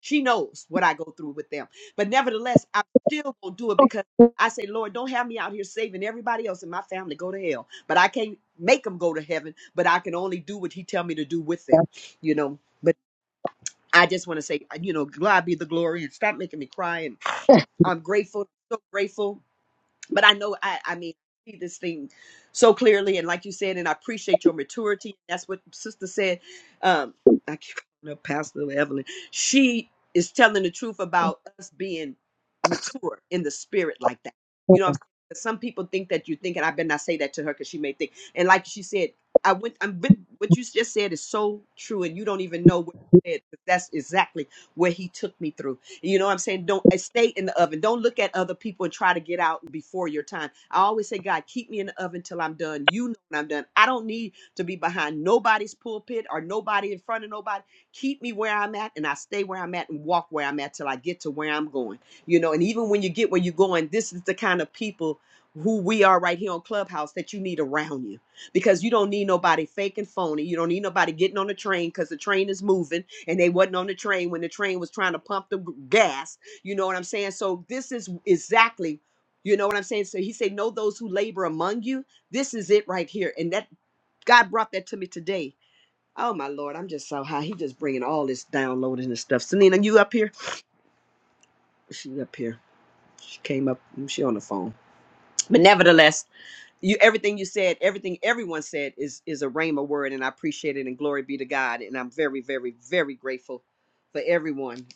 S1: she knows what I go through with them. But nevertheless, I'm still gonna do it because I say, Lord, don't have me out here saving everybody else in my family go to hell. But I can't make them go to heaven, but I can only do what he tell me to do with them, you know. But I just want to say, you know, God be the glory and stop making me cry. And I'm grateful, so grateful but I know I I mean see this thing so clearly and like you said and I appreciate your maturity. That's what sister said. Um I keep calling her Pastor Evelyn. She is telling the truth about us being mature in the spirit like that. You know what I'm saying? 'Cause Some people think that you think and I better not say that to her because she may think and like she said, I went i am been what you just said is so true and you don't even know what you said 'cause that's exactly where he took me through you know what I'm saying? Don't uh, stay in the oven. Don't look at other people and try to get out before your time. I always say, God, keep me in the oven till I'm done. You know when I'm done. I don't need to be behind nobody's pulpit or nobody in front of nobody. Keep me where I'm at and I stay where I'm at and walk where I'm at till I get to where I'm going. You know, and even when you get where you're going, this is the kind of people who we are right here on Clubhouse that you need around you because you don't need nobody fake and phony. You don't need nobody getting on the train because the train is moving and they wasn't on the train when the train was trying to pump the gas. You know what I'm saying? So this is exactly, you know what I'm saying? So he said, Know those who labor among you. This is it right here. And that God brought that to me today. Oh my Lord, I'm just so high. He just bringing all this downloading and stuff. Selena, you up here? She up here. She came up. mm, She on the phone. But nevertheless, you everything you said, everything everyone said is is a rhema word, and I appreciate it. And glory be to God. And I'm very, very, very grateful for everyone.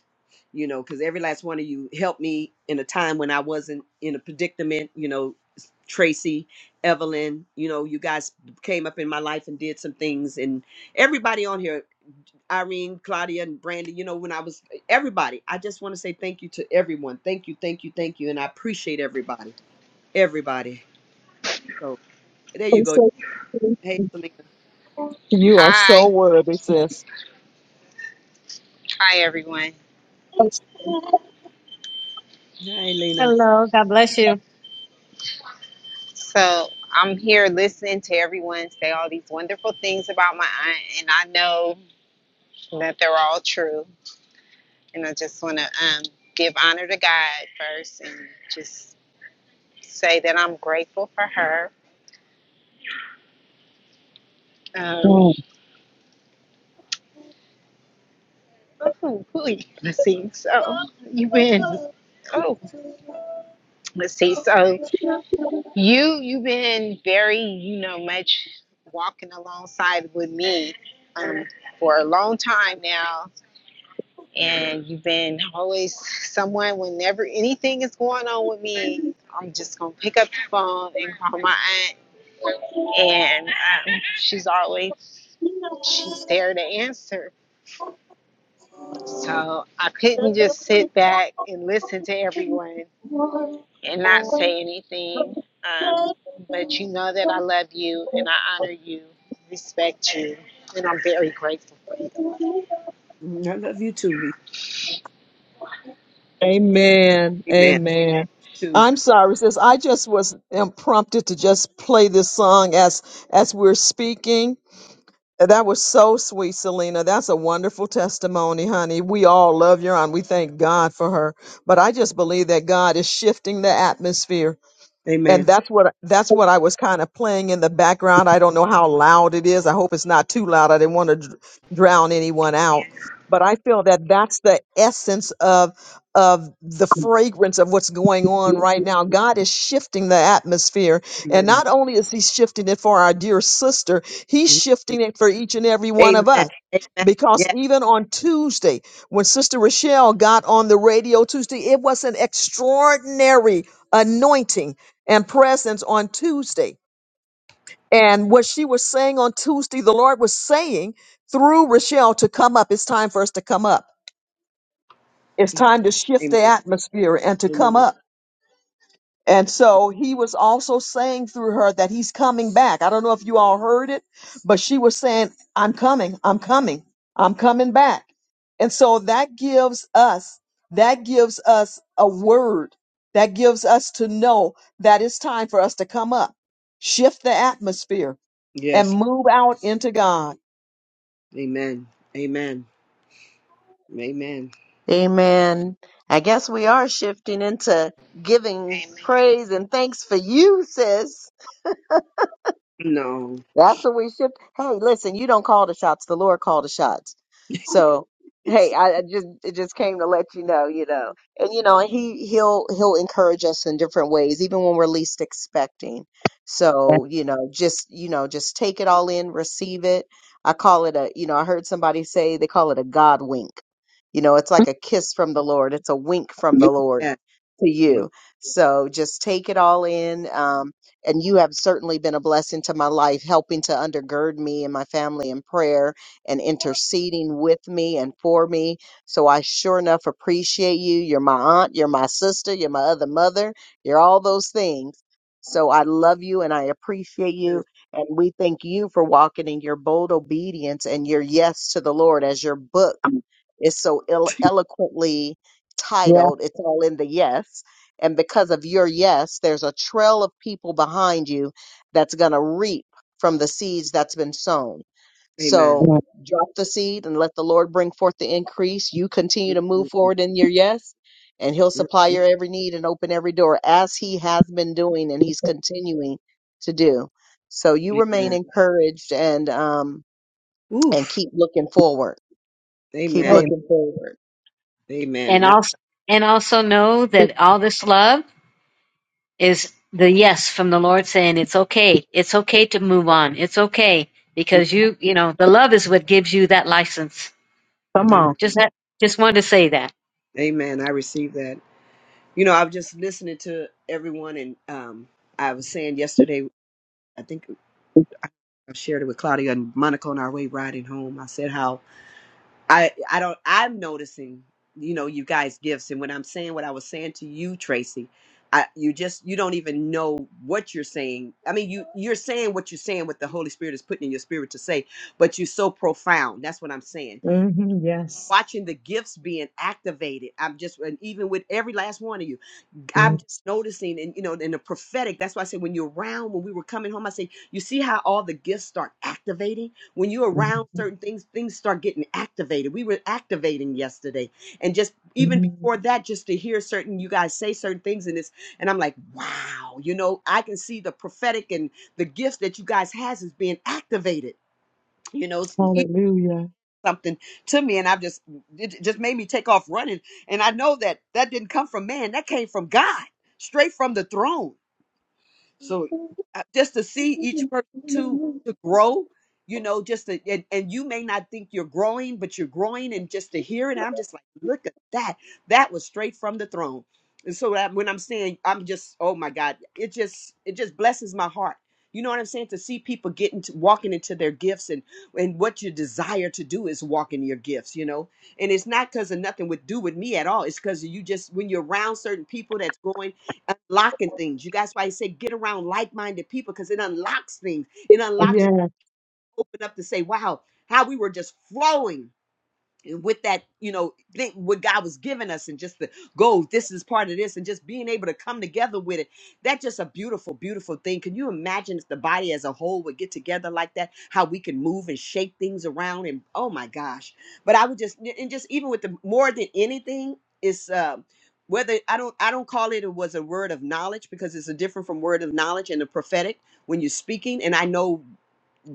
S1: you know, because every last one of you helped me in a time when I wasn't in a predicament, you know, Tracy, Evelyn, you know, you guys came up in my life and did some things, and everybody on here, Irene, Claudia, and Brandy, you know, when I was everybody, I just want to say thank you to everyone. Thank you, thank you, thank you, and I appreciate everybody, everybody. So there you go. Hey, Selena.
S2: You are so
S8: Hi.
S2: worthy, sis.
S8: Hi, everyone.
S1: Hi, Lena.
S5: Hello. God bless you.
S8: So I'm here listening to everyone say all these wonderful things about my aunt, and I know that they're all true. And I just want to um, give honor to God first and just say that I'm grateful for her. Um,
S4: Mm.
S8: oh, ooh, let's see. So you've been, oh, let's see. So you, you've been very, you know, much walking alongside with me um, for a long time now and you've been always someone whenever anything is going on with me i'm just gonna pick up the phone and call my aunt and um, she's always she's there to answer so i couldn't just sit back and listen to everyone and not say anything um, but you know that i love you and i honor you respect you and i'm very grateful for you
S1: Mm, I love you too. V.
S2: Amen.
S1: Amen.
S2: Amen.
S1: Too.
S2: I'm sorry, sis. I just was um, prompted to just play this song as as we're speaking. That was so sweet, Selena. That's a wonderful testimony, honey. We all love your aunt. We thank God for her. But I just believe that God is shifting the atmosphere and
S1: Amen.
S2: that's what that's what I was kind of playing in the background. I don't know how loud it is. I hope it's not too loud. I didn't want to dr- drown anyone out.
S8: amen
S2: But I feel that that's the essence of of the fragrance of what's going on right now. God is shifting the atmosphere, and
S1: Amen.
S2: not only is He shifting it for our dear sister, He's shifting it for each and every one of
S1: Amen.
S2: us.
S1: Amen.
S2: Because
S1: Yes.
S2: even on Tuesday, when Sister Rochelle got on the radio Tuesday, it was an extraordinary anointing and presence on Tuesday. And what she was saying on Tuesday, the Lord was saying through Rochelle to come up. It's time for us to come up. It's time to shift
S1: Amen.
S2: the atmosphere and to come
S1: Amen.
S2: up. And so he was also saying through her that he's coming back. I don't know if you all heard it, but she was saying, I'm coming, I'm coming, I'm coming back. And so that gives us, that gives us a word that gives us to know that it's time for us to come up, shift the atmosphere and
S1: Yes.
S2: move out into God.
S1: Amen. Amen. Amen.
S3: Amen. I guess we are shifting into giving
S8: Amen.
S3: praise and thanks for you, sis.
S1: No.
S3: That's what we should. Hey, listen, you don't call the shots. The Lord called the shots. So, hey, I, I just it just came to let you know, you know, and you know, and he he'll he'll encourage us in different ways, even when we're least expecting. So, you know, just you know, just take it all in, receive it. I call it a, you know, I heard somebody say they call it a God wink. You know, it's like a kiss from the Lord. It's a wink from the Lord
S1: Yes.
S3: to
S1: Yes.
S3: you. So just take it all in. Um, and you have certainly been a blessing to my life, helping to undergird me and my family in prayer and interceding with me and for me. So I sure enough appreciate you. You're my aunt, you're my sister, you're my other mother, you're all those things. So I love you and I appreciate
S1: Yes.
S3: you. And we thank you for walking in your bold obedience and your yes to the Lord as your book is so elo- eloquently
S4: Yeah.
S3: titled. It's all in the yes and because of your yes, there's a trail of people behind you that's going to reap from the seeds that's been sown.
S1: Amen.
S3: So
S4: Mm.
S3: drop the seed and let the Lord bring forth the increase. You continue to
S1: Mm,
S3: move
S1: mm, mm,
S3: forward in your yes, and He'll
S1: mm,
S3: supply your
S1: mm.
S3: every need and open every door as He has been doing and He's continuing to do. So you remain
S1: Amen.
S3: encouraged and um and
S1: Oof.
S3: keep looking forward. Keep
S1: Amen.
S4: Hey,
S3: looking forward.
S1: Amen.
S5: And
S1: And I.
S5: also, and also know that all this love is the yes from the Lord saying it's okay. It's okay to move on. It's okay
S1: mm,
S5: because you, you know, the love is what gives you that license.
S4: come on.
S1: Amen.
S5: Just that, just wanted to say that.
S1: Amen. I received that. You know, I was just listening to everyone, and um, I was saying yesterday. I think I shared it with Claudia and Monica on our way riding home. I said how I I don't I'm noticing, you know, you guys gifts and when I'm saying what I was saying to you, Tracy, I you just you don't even know what you're saying. I mean, you you're saying what you're saying what the Holy Spirit is putting in your spirit to say, but you're so profound. That's what I'm saying. Watching the gifts being activated. I'm just and even with every last one of you. I'm just noticing and you know in the prophetic that's why I say when you're around when we were coming home I say you see how all the gifts start activating when you're around certain things things start getting activated we were activating yesterday and just even
S2: Mm.
S1: before that just to hear certain you guys say certain things in this and I'm like wow you know I can see the prophetic and the gifts that you guys has is being activated you know something to me and i just it j- just made me take off running and i know that that didn't come from man that came from god straight from the throne so uh, just to see each person to to grow, you know, just to, and, and you may not think you're growing, but you're growing, and just to hear it, I'm just like, look at that. That was straight from the throne. And so that when I'm saying, I'm just, oh my God, it just it just blesses my heart. You know what I'm saying? To see people getting to walking into their gifts and and what you desire to do is walk in your gifts, you know. And it's not because of nothing would do with me at all. It's because you just when you're around certain people that's going unlocking things. You guys why I say get around like-minded people because it unlocks things. It unlocks you
S2: Yes,
S1: open up to say, wow, how we were just flowing with that, you know, think what God was giving us and just the go, this is part of this, and just being able to come together with it. That's just a beautiful, beautiful thing. Can you imagine if the body as a whole would get together like that? How we can move and shake things around and oh my gosh. But I would just and just even with the more than anything, is uh whether I don't I don't call it it was a word of knowledge because it's a different from word of knowledge and the prophetic when you're speaking. And I know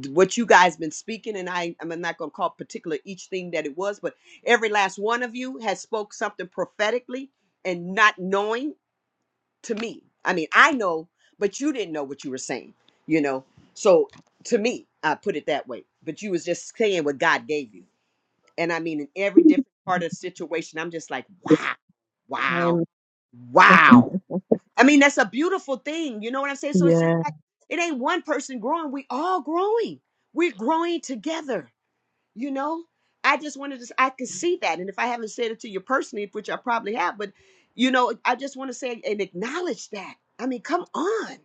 S1: what you guys been speaking and I I'm not going to call particular each thing that it was but every last one of you has spoke something prophetically and not knowing to me. I mean, I know, but you didn't know what you were saying, you know. So to me, I put it that way, but you was just saying what God gave you. And I mean in every different part of the situation, I'm just like, wow.
S4: Hey,
S1: Wow. Wow. I mean, that's a beautiful thing. You know what I'm saying? So it's just like it ain't one person growing. We all growing. We're growing together. You know. I just wanted to. I could see that, and if I haven't said it to you personally, which I probably have, but you know, I just want to say and acknowledge that. I mean, come on.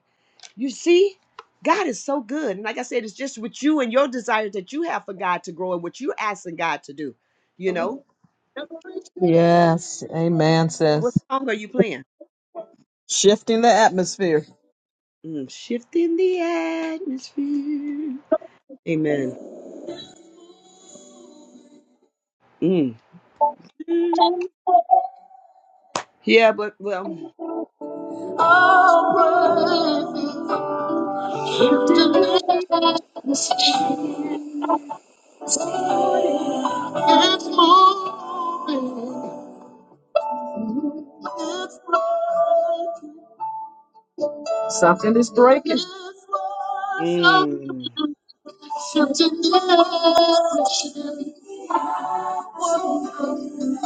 S1: You see, God is so good, and like I said, it's just with you and your desires that you have for God to grow and what you're asking God to do. You know,
S2: yes. Amen,
S1: what
S2: sis.
S1: song are you playing?
S2: Shifting the atmosphere.
S1: Mm, shifting the atmosphere. Amen. Mm. Yeah, but well.
S2: All praise to the majesty is moving. It's breaking. Something is breaking. It's worship.
S1: Mm.
S2: Something is breaking. It's moving.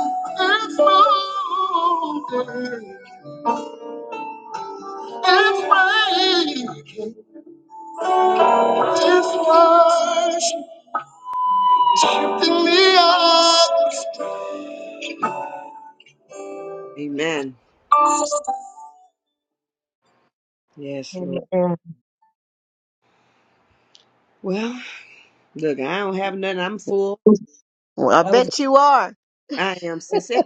S2: It's breaking. It's worship. Something is
S1: Amen. Yes, Lord.
S2: breaking.
S1: Well, look, I don't have nothing. I'm full.
S3: Well, I
S4: that was a
S3: bet you are.
S1: I am sincere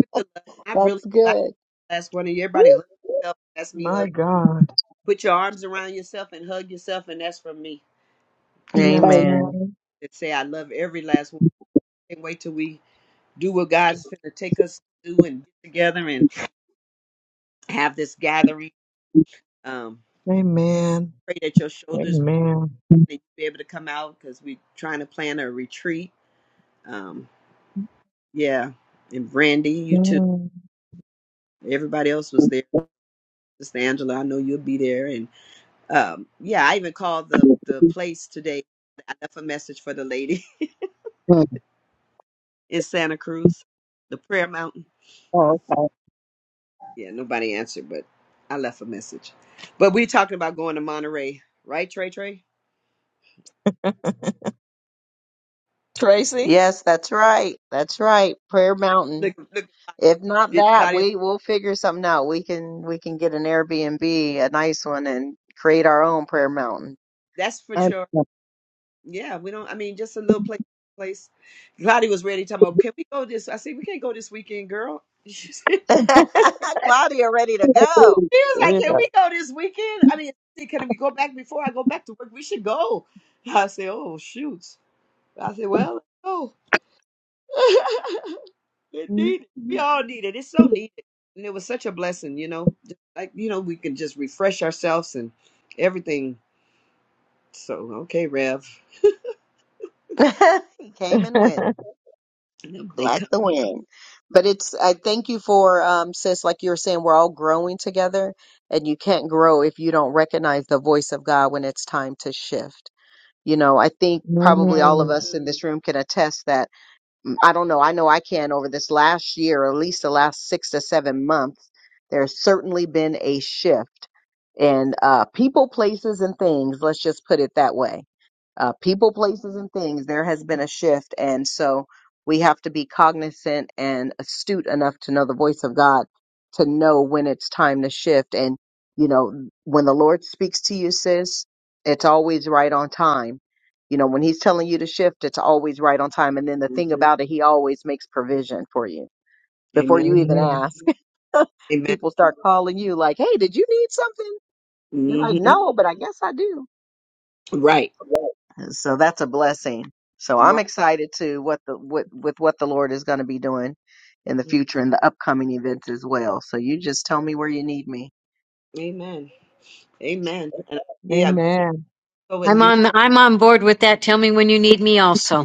S1: with the love. I really
S3: That's
S1: I
S3: good.
S1: last one of you. Everybody hug yourself. That's me hug.
S2: My God.
S1: Put your arms around yourself and hug yourself, and that's from me. To,
S2: Yes,
S4: hey.
S3: Amen.
S2: Lord.
S1: to say I love every last one. Can't wait till we do what God's going to take us to do and get together and have this gathering. Um,
S2: Amen.
S1: pray that your shoulders
S2: Amen.
S1: and you be able to come out because we're trying to plan a retreat. Um, yeah, and Brandy, you too.
S2: Mm.
S1: Everybody else was there. Sister Angela, I know you'll be there. And um, yeah, I even called the the place today. I left a message for the lady
S4: Mm.
S1: in Santa Cruz, the Prayer Mountain.
S4: Oh, okay.
S1: Yeah, nobody answered, but I left a message. But we talking about going to Monterey, right, Trey? Trey,
S2: Tracy?
S3: Yes, that's right. That's right. Prayer Mountain.
S1: look, look,
S3: If not
S1: did
S3: that,
S1: Claudia?
S3: we we'll figure something out. We can we can get an Airbnb, a nice one, and create our own Prayer Mountain.
S1: That's for
S4: And
S1: sure. Yeah, we don't. I mean, just a little place. Place. Lottie was ready. Talking about, can we go this? I said, we can't go this weekend, girl. she was
S3: Claudia, ready to go.
S1: like,
S2: Yeah.
S1: can we go this weekend? I mean, she said, can we go back before I go back to work? We should go. I said, oh shoot. I said, well, let's go. it
S2: Mm.
S1: needed. We all need it. It's so needed, and it was such a blessing. You know, Just like you know, we can just refresh ourselves and everything. So okay, Rev.
S3: he came and went
S1: And They
S3: like
S1: come.
S3: the wind. But it's I thank you for um sis, like you were saying, we're all growing together, and you can't grow if you don't recognize the voice of God when it's time to shift. You know, I think probably all of
S2: Mm.
S3: us in this room can attest that I don't know. I know I can over this last year, or at least the last six to seven months, there's certainly been a shift in uh, people, places, and things. Let's just put it that way uh, people, places, and things, there has been a shift. And so we have to be cognizant and astute enough to know the voice of God to know when it's time to shift. And, you know, when the Lord speaks to you, sis, it's always right on time. You know, when he's telling you to shift, it's always right on time. And then the thing
S1: Mhm.
S3: about it, he always makes provision for you before
S1: Amen.
S3: you even
S2: Amen.
S3: ask.
S1: Amen.
S3: People start calling you like, hey, did you need something? You're like,
S1: hmm
S3: no, but I guess I do.
S1: Right.
S3: So that's a blessing. So I'm
S1: Right.
S3: excited to what the with, with what the Lord is going to be doing in the future and the upcoming events as well. So you just tell me where you need me.
S1: Amen. Amen. And yeah,
S2: Amen.
S1: so and
S5: I'm
S1: you
S5: on, I'm on board with that. Tell me when you need me also.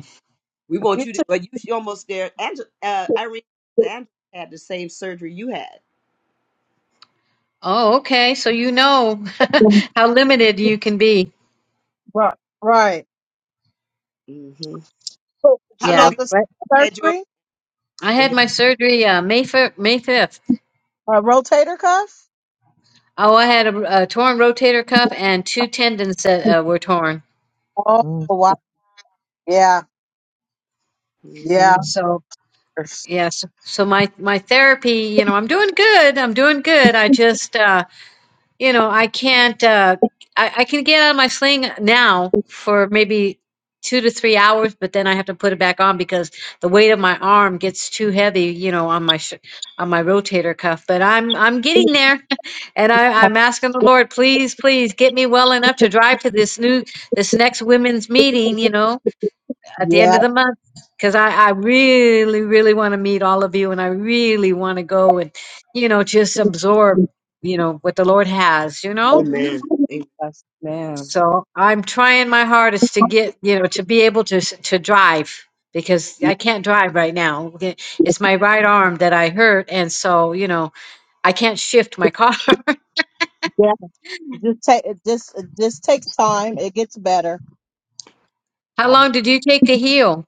S1: we want
S4: you
S1: you to
S4: took
S1: but you she almost there. Angela uh Irene Angela had the same surgery you had.
S5: Oh, okay. So you know how limited you can be.
S4: right. Right.
S1: hmm
S4: So
S1: How
S4: she
S5: Yeah,
S1: long
S4: had
S1: you
S4: the
S5: but
S1: had yours?
S4: surgery,
S5: I
S1: Go
S5: had
S1: ahead.
S5: my surgery uh, May fir- May fifth.
S4: a rotator cuff.
S5: Oh, I had a, a torn rotator cuff and two tendons that uh, were torn.
S4: Oh,
S2: Mm.
S4: wow. Yeah.
S1: hmm
S4: Yeah.
S5: So yes, so my my therapy. You know, I'm doing good. I'm doing good. I just uh, you know, I can't. Uh, I, I can get out of my sling now for maybe two to three hours, but then I have to put it back on because the weight of my arm gets too heavy, you know, on my sh- on my rotator cuff. But I'm I'm getting there, and I, I'm asking the Lord, please, please get me well enough to drive to this new this next women's meeting, you know, at the end
S4: Yeah.
S5: of the month because I, I really really want to meet all of you and i really want to go and you know just absorb you know what the lord has you know
S1: Amen.
S4: Yes, ma'am.
S5: so i'm trying my hardest to get you know to be able to s- to drive because i can't drive right now Okay, it's my right arm that i hurt and so you know i can't shift my car
S4: Yeah. It just take it just it just takes time. It gets better.
S5: how
S1: Amen.
S5: long did you take to heal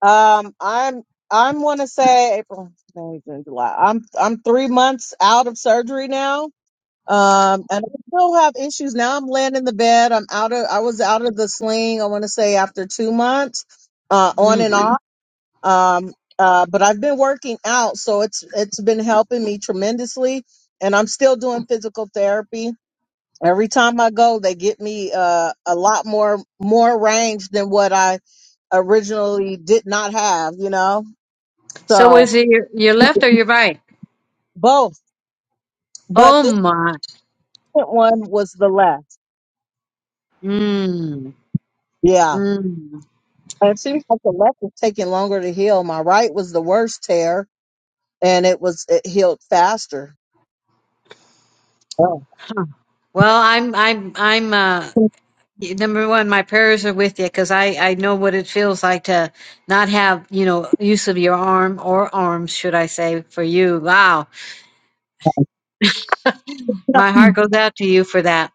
S4: Um, I'm I'm want to say April, May, June, July. I'm I'm three months out of surgery now. Um, and I still have issues now. I'm laying in the bed. I'm out of I was out of the sling. I want to say after two months, uh, on and
S5: mm.
S4: off. Um, uh, but I've been working out, so it's it's been helping me tremendously. And I'm still doing physical therapy Every time I go, they get me uh, a lot more more range than what I originally did not have, you know.
S5: so
S4: So
S5: was it your, your left or your right
S4: both, but
S5: oh
S4: the
S5: my
S4: second one was the left.
S5: mm.
S4: Yeah,
S5: Mm.
S4: and it seems like the left was taking longer to heal. My right was the worst tear, and it was it healed faster. Oh.
S5: Well, I'm I'm I'm uh number one, my prayers are with you because I I know what it feels like to not have, you know, use of your arm or arms, should I say, for you. Wow. My heart goes out to you for that.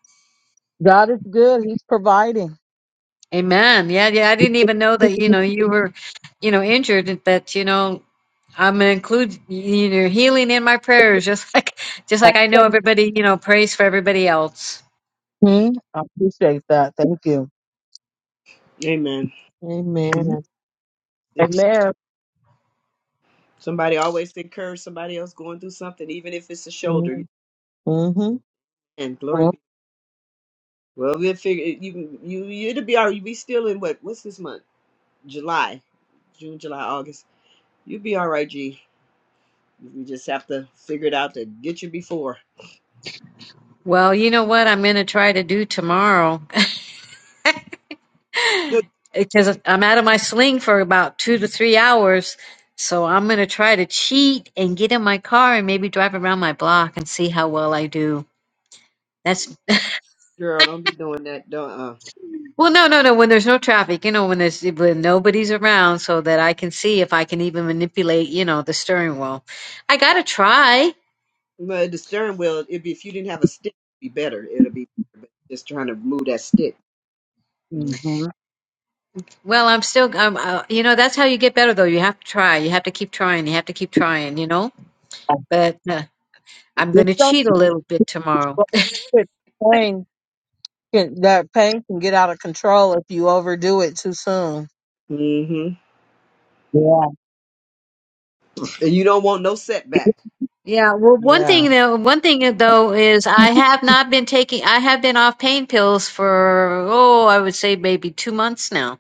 S4: God is good; He's providing.
S5: Amen. Yeah, yeah, I didn't even know that, you know, you were, you know, injured, but you know, I'm gonna include you know healing in my prayers, just like just like I know everybody, you know, prays for everybody else.
S4: Mhm. I appreciate that. Thank you.
S1: Amen.
S4: Mhm.
S2: Amen.
S1: Seems-
S4: Amen.
S1: Somebody always encourage somebody else going through something, even if it's a shoulder.
S2: Mm. hmm
S1: And glory
S4: Mhm.
S1: be. Well, we'll figure you can you you- it'll be all right. We still in what what's this month? July. June, July, August. You'll be all right, G. We just have to figure it out to get you before.
S5: Well, you know what I'm gonna try to do tomorrow
S1: Look,
S5: because I'm out of my sling for about two to three hours. So I'm going to try to cheat and get in my car and maybe drive around my block and see how well I do. That's
S1: girl, don't be doing that. Don't. Uh,
S5: well, no, no, no. When there's no traffic, you know, when there's when nobody's around, so that I can see if I can even manipulate, you know, the steering wheel. I gotta try.
S1: but the steering wheel, it'd be if you didn't have a stick, it'd be better. It'll be better, but just trying to move that stick. Mm-hmm.
S4: Mhm.
S5: Well, I'm still, I'm, uh, you know, that's how you get better though. You have to try. You have to keep trying. You have to keep trying. You know, but uh, I'm
S4: Just
S5: gonna
S4: don't
S5: cheat a little bit tomorrow.
S4: Well, it- pain can, that pain can get out of control if you overdo it too soon.
S1: And
S4: Yeah,
S1: you don't want no setback.
S5: Yeah, well, one
S4: yeah,
S5: thing though, one thing though is I have not been taking, I have been off pain pills for, oh, I would say maybe two months now.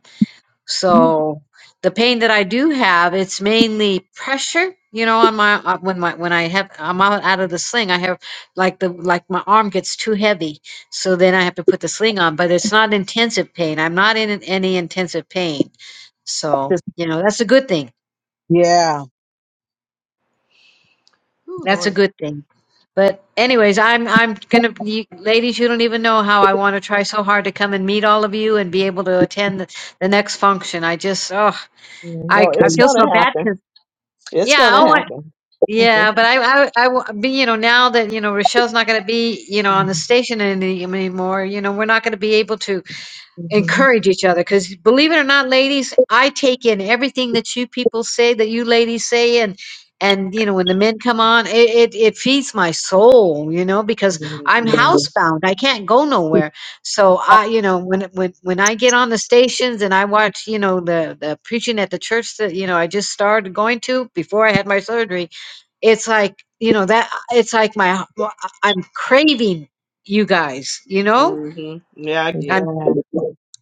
S5: So the pain that I do have, it's mainly pressure, you know, on my, uh, when my, when I have, I'm out, out of the sling, I have like the, like my arm gets too heavy. So then I have to put the sling on, but it's not intensive pain. I'm not in any intensive pain. So,
S4: Just-
S5: you know, that's a good thing.
S4: yeah.
S1: Oh
S5: That's a
S1: Lord.
S5: good thing. But anyways, I'm I'm gonna you, ladies, you don't even know how I want to try so hard to come and meet all of you and be able to attend the, the next function. I just oh
S2: No,
S5: I I
S2: it's
S5: feel
S2: going
S5: so
S2: to
S5: bad
S2: happen.
S5: because
S2: It's
S5: yeah
S2: going to
S5: oh I,
S2: happen.
S5: yeah but I I I wa- be you know now that you know Rochelle's not gonna be you know on the station any, anymore you know we're not gonna be able to encourage each other because believe it or not ladies i take in everything that you people say that you ladies say and and you know when the men come on it, it it feeds my soul you know because i'm
S1: hmm
S2: mm-hmm.
S5: housebound i can't go nowhere so i you know when when when i get on the stations and i watch you know the the preaching at the church that you know i just started going to before i had my surgery it's like you know that it's like my i'm craving you guys you know
S1: hmm Yeah, I get it.
S2: Yeah.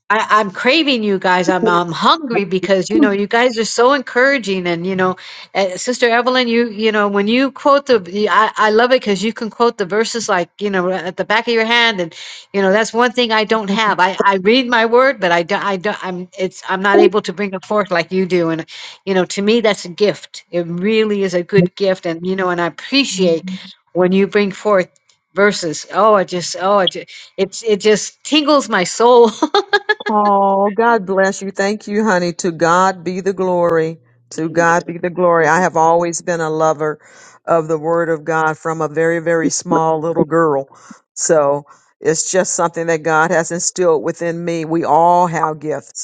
S5: I, I'm craving you guys. I'm I'm hungry because you know you guys are so encouraging, and you know, uh, Sister Evelyn, you you know when you quote the, the- I I love it because you can quote the verses like you know at the back of your hand, and you know that's one thing I don't have. I I read my word, but I don't I don't I'm it's I'm not able to bring it forth like you do, and you know to me that's a gift. It really is a good gift, and you know, and I
S2: Yeah.
S5: appreciate when you bring forth verses. Oh, I just oh I just it's it just tingles my soul
S2: Oh, God bless you. Thank you, honey. To God be the glory. To
S1: Amen.
S2: God be the glory. I have always been a lover of the Word of God from a very, very small little girl. So it's just something that God has instilled within me. We all have gifts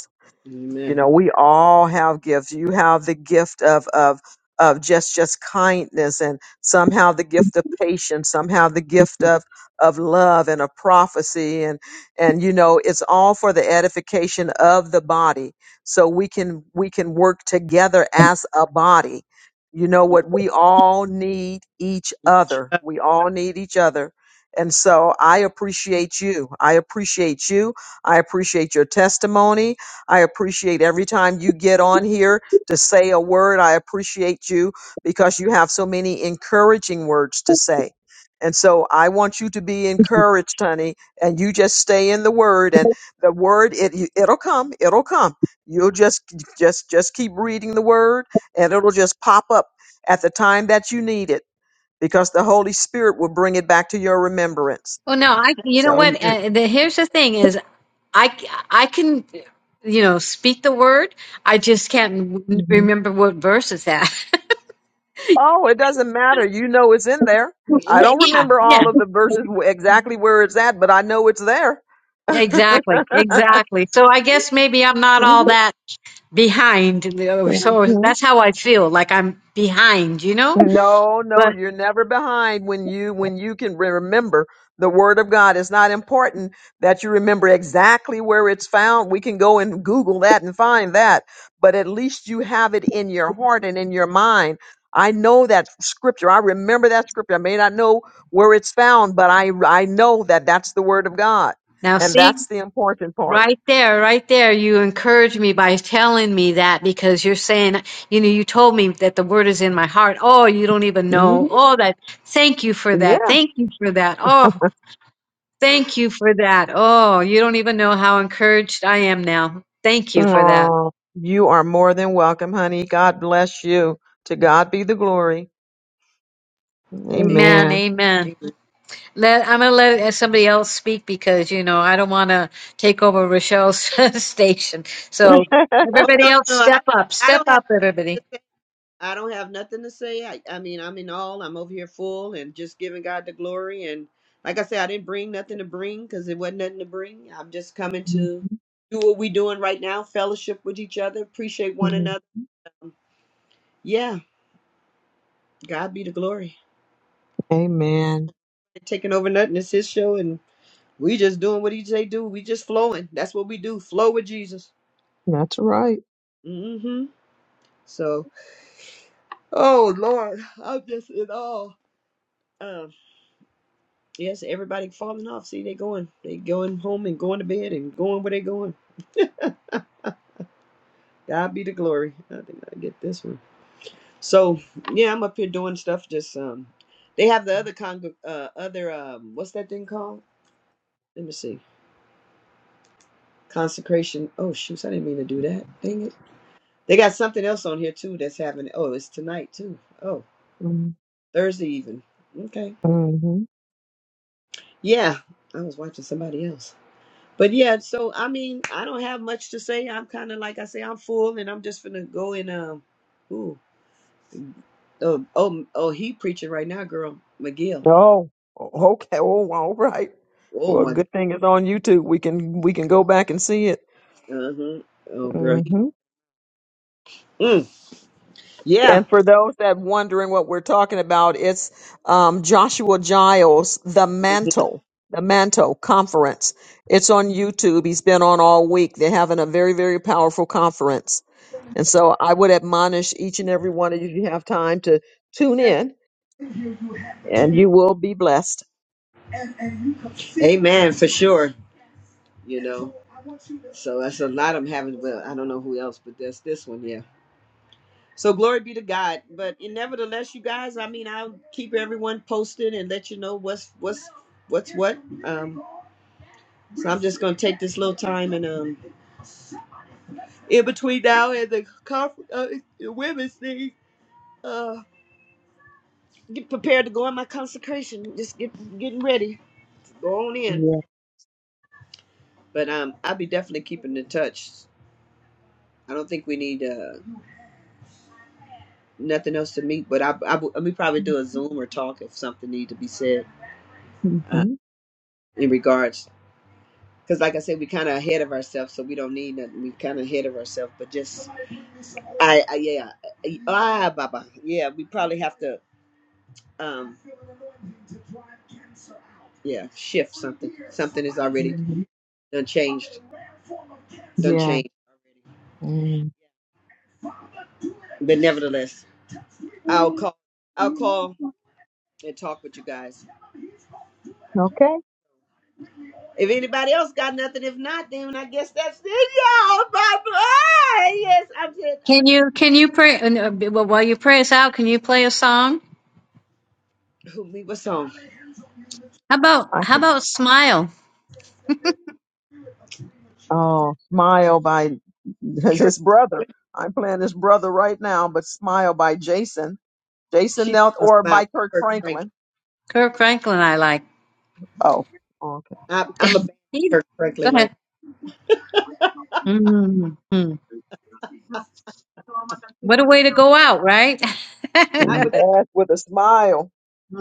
S2: you
S1: Amen.
S2: know we all have gifts you have the gift of of of just just kindness and somehow the gift of patience somehow the gift of of love and of prophecy and and you know it's all for the edification of the body so we can we can work together as a body you know what we all need each other
S1: Amen.
S2: we all need each other and so i appreciate you i appreciate you i appreciate your testimony I appreciate every time you get on here to say a word. I appreciate you because you have so many encouraging words to say. And so I want you to be encouraged, honey, and you just stay in the word and the word it it'll come, it'll come. You'll just just just keep reading the word and it'll just pop up at the time that you need it because the Holy Spirit will bring it back to your remembrance.
S5: Well, no, I, you know
S2: So,
S5: what?
S1: Amen.
S5: Uh, the, here's the thing is I, c- I can, you know, speak the word. I just can't w- remember what verse is that.
S2: Oh, it doesn't matter. You know it's in there. I
S5: Yeah,
S2: don't remember
S5: yeah,
S2: all of the verses wh- exactly where it's at, but I know it's there.
S5: yeah, exactly. Exactly. So I guess maybe I'm not all that behind. you know, So
S2: Mhm.
S5: that's how I feel like I'm behind, you know,
S2: No, no,
S5: but
S2: you're never behind when you when you can re- remember the word of God. It's not important that you remember exactly where it's found. We can go and Google that and find that, but at least you have it in your heart and in your mind. I know that scripture. I remember that scripture. I may not know where it's found, but I I know that that's the word of God,
S5: now
S2: and
S5: see.
S2: that's the important part.
S5: Right there, right there. You encourage me by telling me that because you're saying, you know, you told me that the word is in my heart. Oh, you don't even
S2: hmm
S5: know. Oh, that. Thank you for that.
S2: Yeah.
S5: Thank you for that. Oh, thank you for that. Oh, you don't even know how encouraged I am now. Thank you for that.
S2: Aw, you are more than welcome, honey. God bless you. To God be the glory.
S5: Amen.
S2: Amen.
S5: Amen.
S1: Amen.
S5: Let, I'm going to let uh, somebody else speak because, you know, I don't want to take over Rochelle's station. So
S1: Oh
S5: everybody
S1: no, no,
S5: else
S1: no. I,
S5: step up,
S1: I
S5: step
S1: don't
S5: up, everybody.
S1: have. I don't have nothing to say. I, I mean, I'm in all. I'm over here full and just giving God the glory. And like I said, I didn't bring nothing to bring because it wasn't nothing to bring. I'm just coming to do what we doing right now, fellowship with each other, appreciate one
S2: Mhm.
S1: another. Um, Yeah, God be the glory.
S2: Amen.
S1: Taking over nothing. It's His show, and we just doing what He say do. We just flowing. That's what we do. Flow with Jesus.
S2: That's right.
S1: hmm So, oh Lord, I'm just in awe. Um, Yes, everybody falling off. See, they going, they going home and going to bed and going where they going. God be the glory. I think I get this one. So yeah, I'm up here doing stuff. Just um, they have the other con, uh, other um, what's that thing called? Let me see, consecration. Oh shoots, I didn't mean to do that. Dang it. They got something else on here too that's happening. Oh, it's tonight too. Oh,
S2: Mm-hmm.
S1: Thursday even. Okay. Yeah, I was watching somebody else. But yeah, so I mean, I don't have much to say. I'm kind of like I say, I'm full, and I'm just gonna go and um, ooh, oh, oh, oh, he preaching right now, girl, McGill.
S2: Oh, okay. Oh, all right.
S1: Oh
S2: Well,
S1: my,
S2: good thing it's on YouTube. We can we can go back and see it.
S1: uh huh. Oh girl, he,
S2: Mm-hmm.
S1: mm, yeah.
S2: And for those that wondering what we're talking about, it's um, Joshua Giles, the Mantle, the Mantle Conference. It's on YouTube. He's been on all week. They're having a very, very powerful conference. And so I would admonish each and every one of you, if you have time to tune in and you will be blessed.
S1: Amen for sure. You know, so that's a lot I'm having. Well, I don't know who else, but that's this one, yeah. So glory be to God. But in nevertheless, you guys, I mean, I'll keep everyone posted and let you know what's what's what's what. Um, So I'm just going to take this little time and um, in between now and the conference, uh, the women's thing, uh, get prepared to go in my consecration. Just get getting ready to go on in.
S2: Yeah.
S1: But um, I'll be definitely keeping in touch. I don't think we need uh, nothing else to meet, but I, I, w- we probably do a Zoom or talk if something need to be said uh,
S2: Mhm.
S1: in regards. Because like I said, we kind of ahead of ourselves, so we don't need nothing. We kind of ahead of ourselves, but just I, I yeah, I, ah, Baba, yeah, we probably have to. um, yeah, shift something. Something is already
S2: Mhm.
S1: done changed. Done
S2: Yeah.
S1: changed already.
S2: Mm.
S1: But nevertheless, I'll call. I'll call and talk with you guys.
S2: Okay.
S1: If anybody else got nothing, if not, then I guess that's it, y'all. Bye bye. Yes, I did.
S5: Can you can you pray and, uh, no, b- well, while you pray us out? Can you play a song?
S1: Who leave us on?
S5: How about how about smile?
S2: Oh, Smile by
S1: Kirk.
S2: his brother. I'm playing his brother right now, but Smile by Jason. Jason
S1: She
S2: Nelt
S1: a
S2: or
S1: smile.
S2: by Kirk
S1: Kirk Franklin.
S2: Franklin.
S5: Kirk Franklin, I like.
S2: Oh, okay.
S1: I, I'm a bad
S5: He-
S1: Kirk Franklin
S5: go
S1: right.
S5: ahead. Mm-hmm. Mm-hmm. What a way to go out, right?
S1: Not with that,
S2: Yes, with a smile.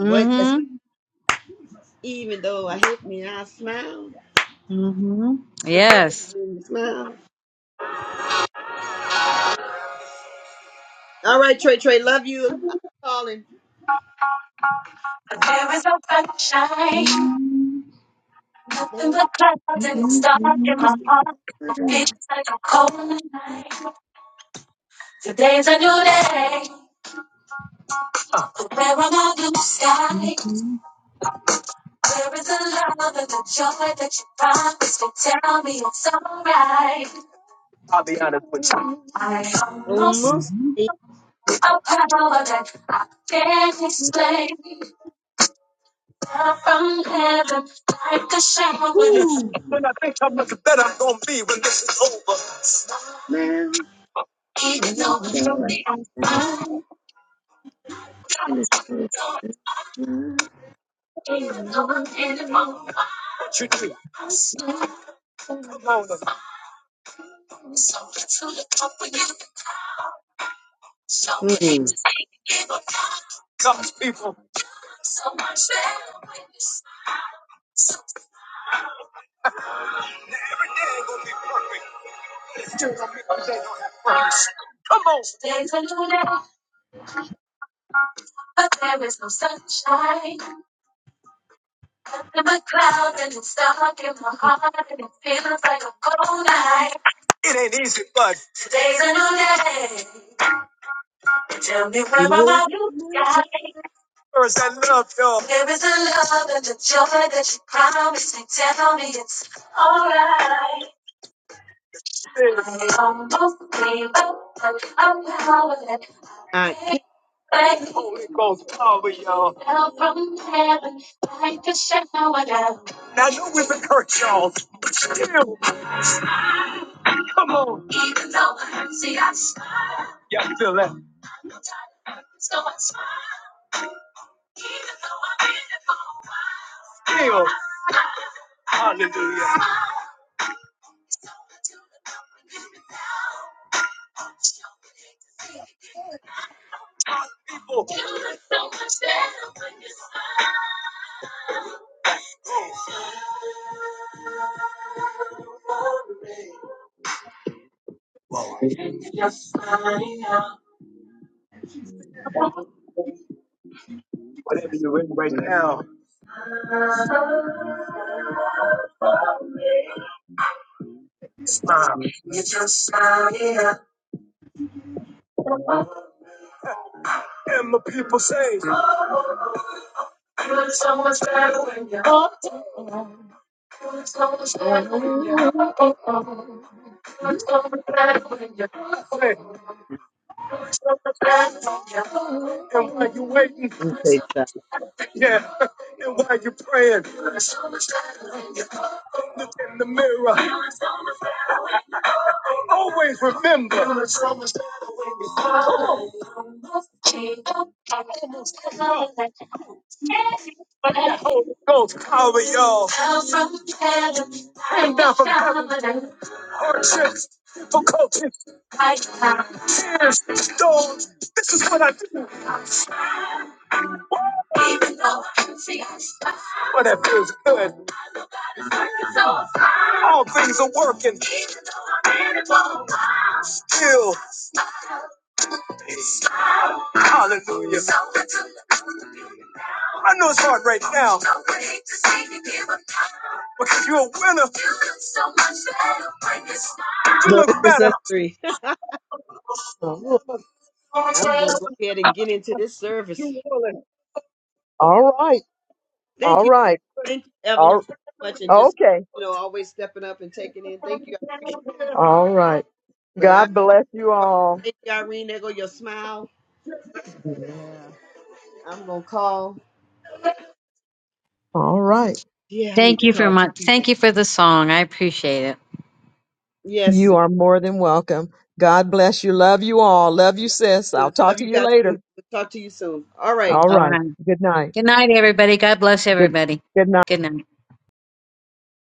S1: but as- even though I hit me, I smile.
S5: hmm
S1: But they didn't
S5: Yes.
S1: make me smile. All right, Trey Trey, love you. I'm calling.
S2: But There is no sunshine,
S5: Mhm,
S2: nothing
S1: There
S2: but clouds, and it's
S5: mhm,
S1: wasn't
S2: dark in
S5: mhm,
S2: my
S5: mhm,
S2: heart. It feels like a cold night. Today's a new day, but there are no blue skies.
S5: mhm,
S2: There is a love and a joy that you promised me. Tell me it's alright. I'll be honest with you. I almost
S1: almost
S5: mhm.
S1: a with
S2: a power that I can't explain. Love from heaven, like a shower. When I think how much better I'm gonna be when this is over.
S1: smile.
S2: Even
S1: even
S2: though you're
S1: though I smiled.
S2: mine.
S1: at
S2: What you do? Come on, them.
S1: you.
S2: God's people. Every day will be perfect. Still, I But there is no sunshine in my cloud and it's dark in my heart and it feels like a cold night. It ain't easy, but today's a new day. Tell me where are my blue skies?
S1: Mm.
S2: Where is that love, y'all? There is a love and a joy that you promised me. Tell me it's alright. Yeah. I almost gave up, but I'm now that
S1: I
S2: I
S1: can't
S2: Thank you. Holy Ghost power, y'all. Now from heaven, like a shower down. Now I know we've been hurt, y'all, but still, come on. Even though the hurts, see us. Y'all feel that? Still, hallelujah. People, smile. whatever you're in right now, smile. And the people say, Oh, it's so much better when you're oh, it's so much better when you're oh, it's so much better when you're oh, it's so much better when you're oh, And while you're waiting.
S1: take that.
S2: Yeah. And while you're praying, look in the mirror. Always remember. Come on. Let the Holy Ghost power y'all. Came down from heaven. Hardships, difficulties, tears, storms. This is what I do. Even though I can see, But it feels good. All things are working still. Hallelujah. I know it's hard right now because you're a winner. You
S1: No,
S2: look
S1: it's just
S2: better.
S1: us three. I'm gonna go ahead and get into this service.
S2: You will it. All right.
S1: Thank
S2: All
S1: you,
S2: right.
S1: thank you, Evelyn,
S2: All
S1: so much, and just
S2: okay.
S1: you know, always stepping up and taking in. Thank you, I appreciate.
S2: All right.
S1: It. But I
S2: God
S1: call.
S2: bless you all.
S1: Thank you, Irene. There go your smile. I'm gonna call.
S2: All right.
S1: Yeah, I need
S5: Thank
S1: to
S5: you very
S1: call two
S5: much.
S1: people.
S5: Thank you for the song. I appreciate it.
S1: Yes,
S2: You are more than welcome. God bless you. Love you all. Love you, sis. I'll
S1: sis.
S2: talk
S1: love
S2: to
S1: you
S2: you
S1: guys too.
S2: later.
S1: talk to you soon. All right.
S2: All
S5: All
S2: right.
S5: right.
S2: Good night.
S5: Good night, everybody. God bless
S2: Good
S5: everybody.
S2: good night.
S5: Good night.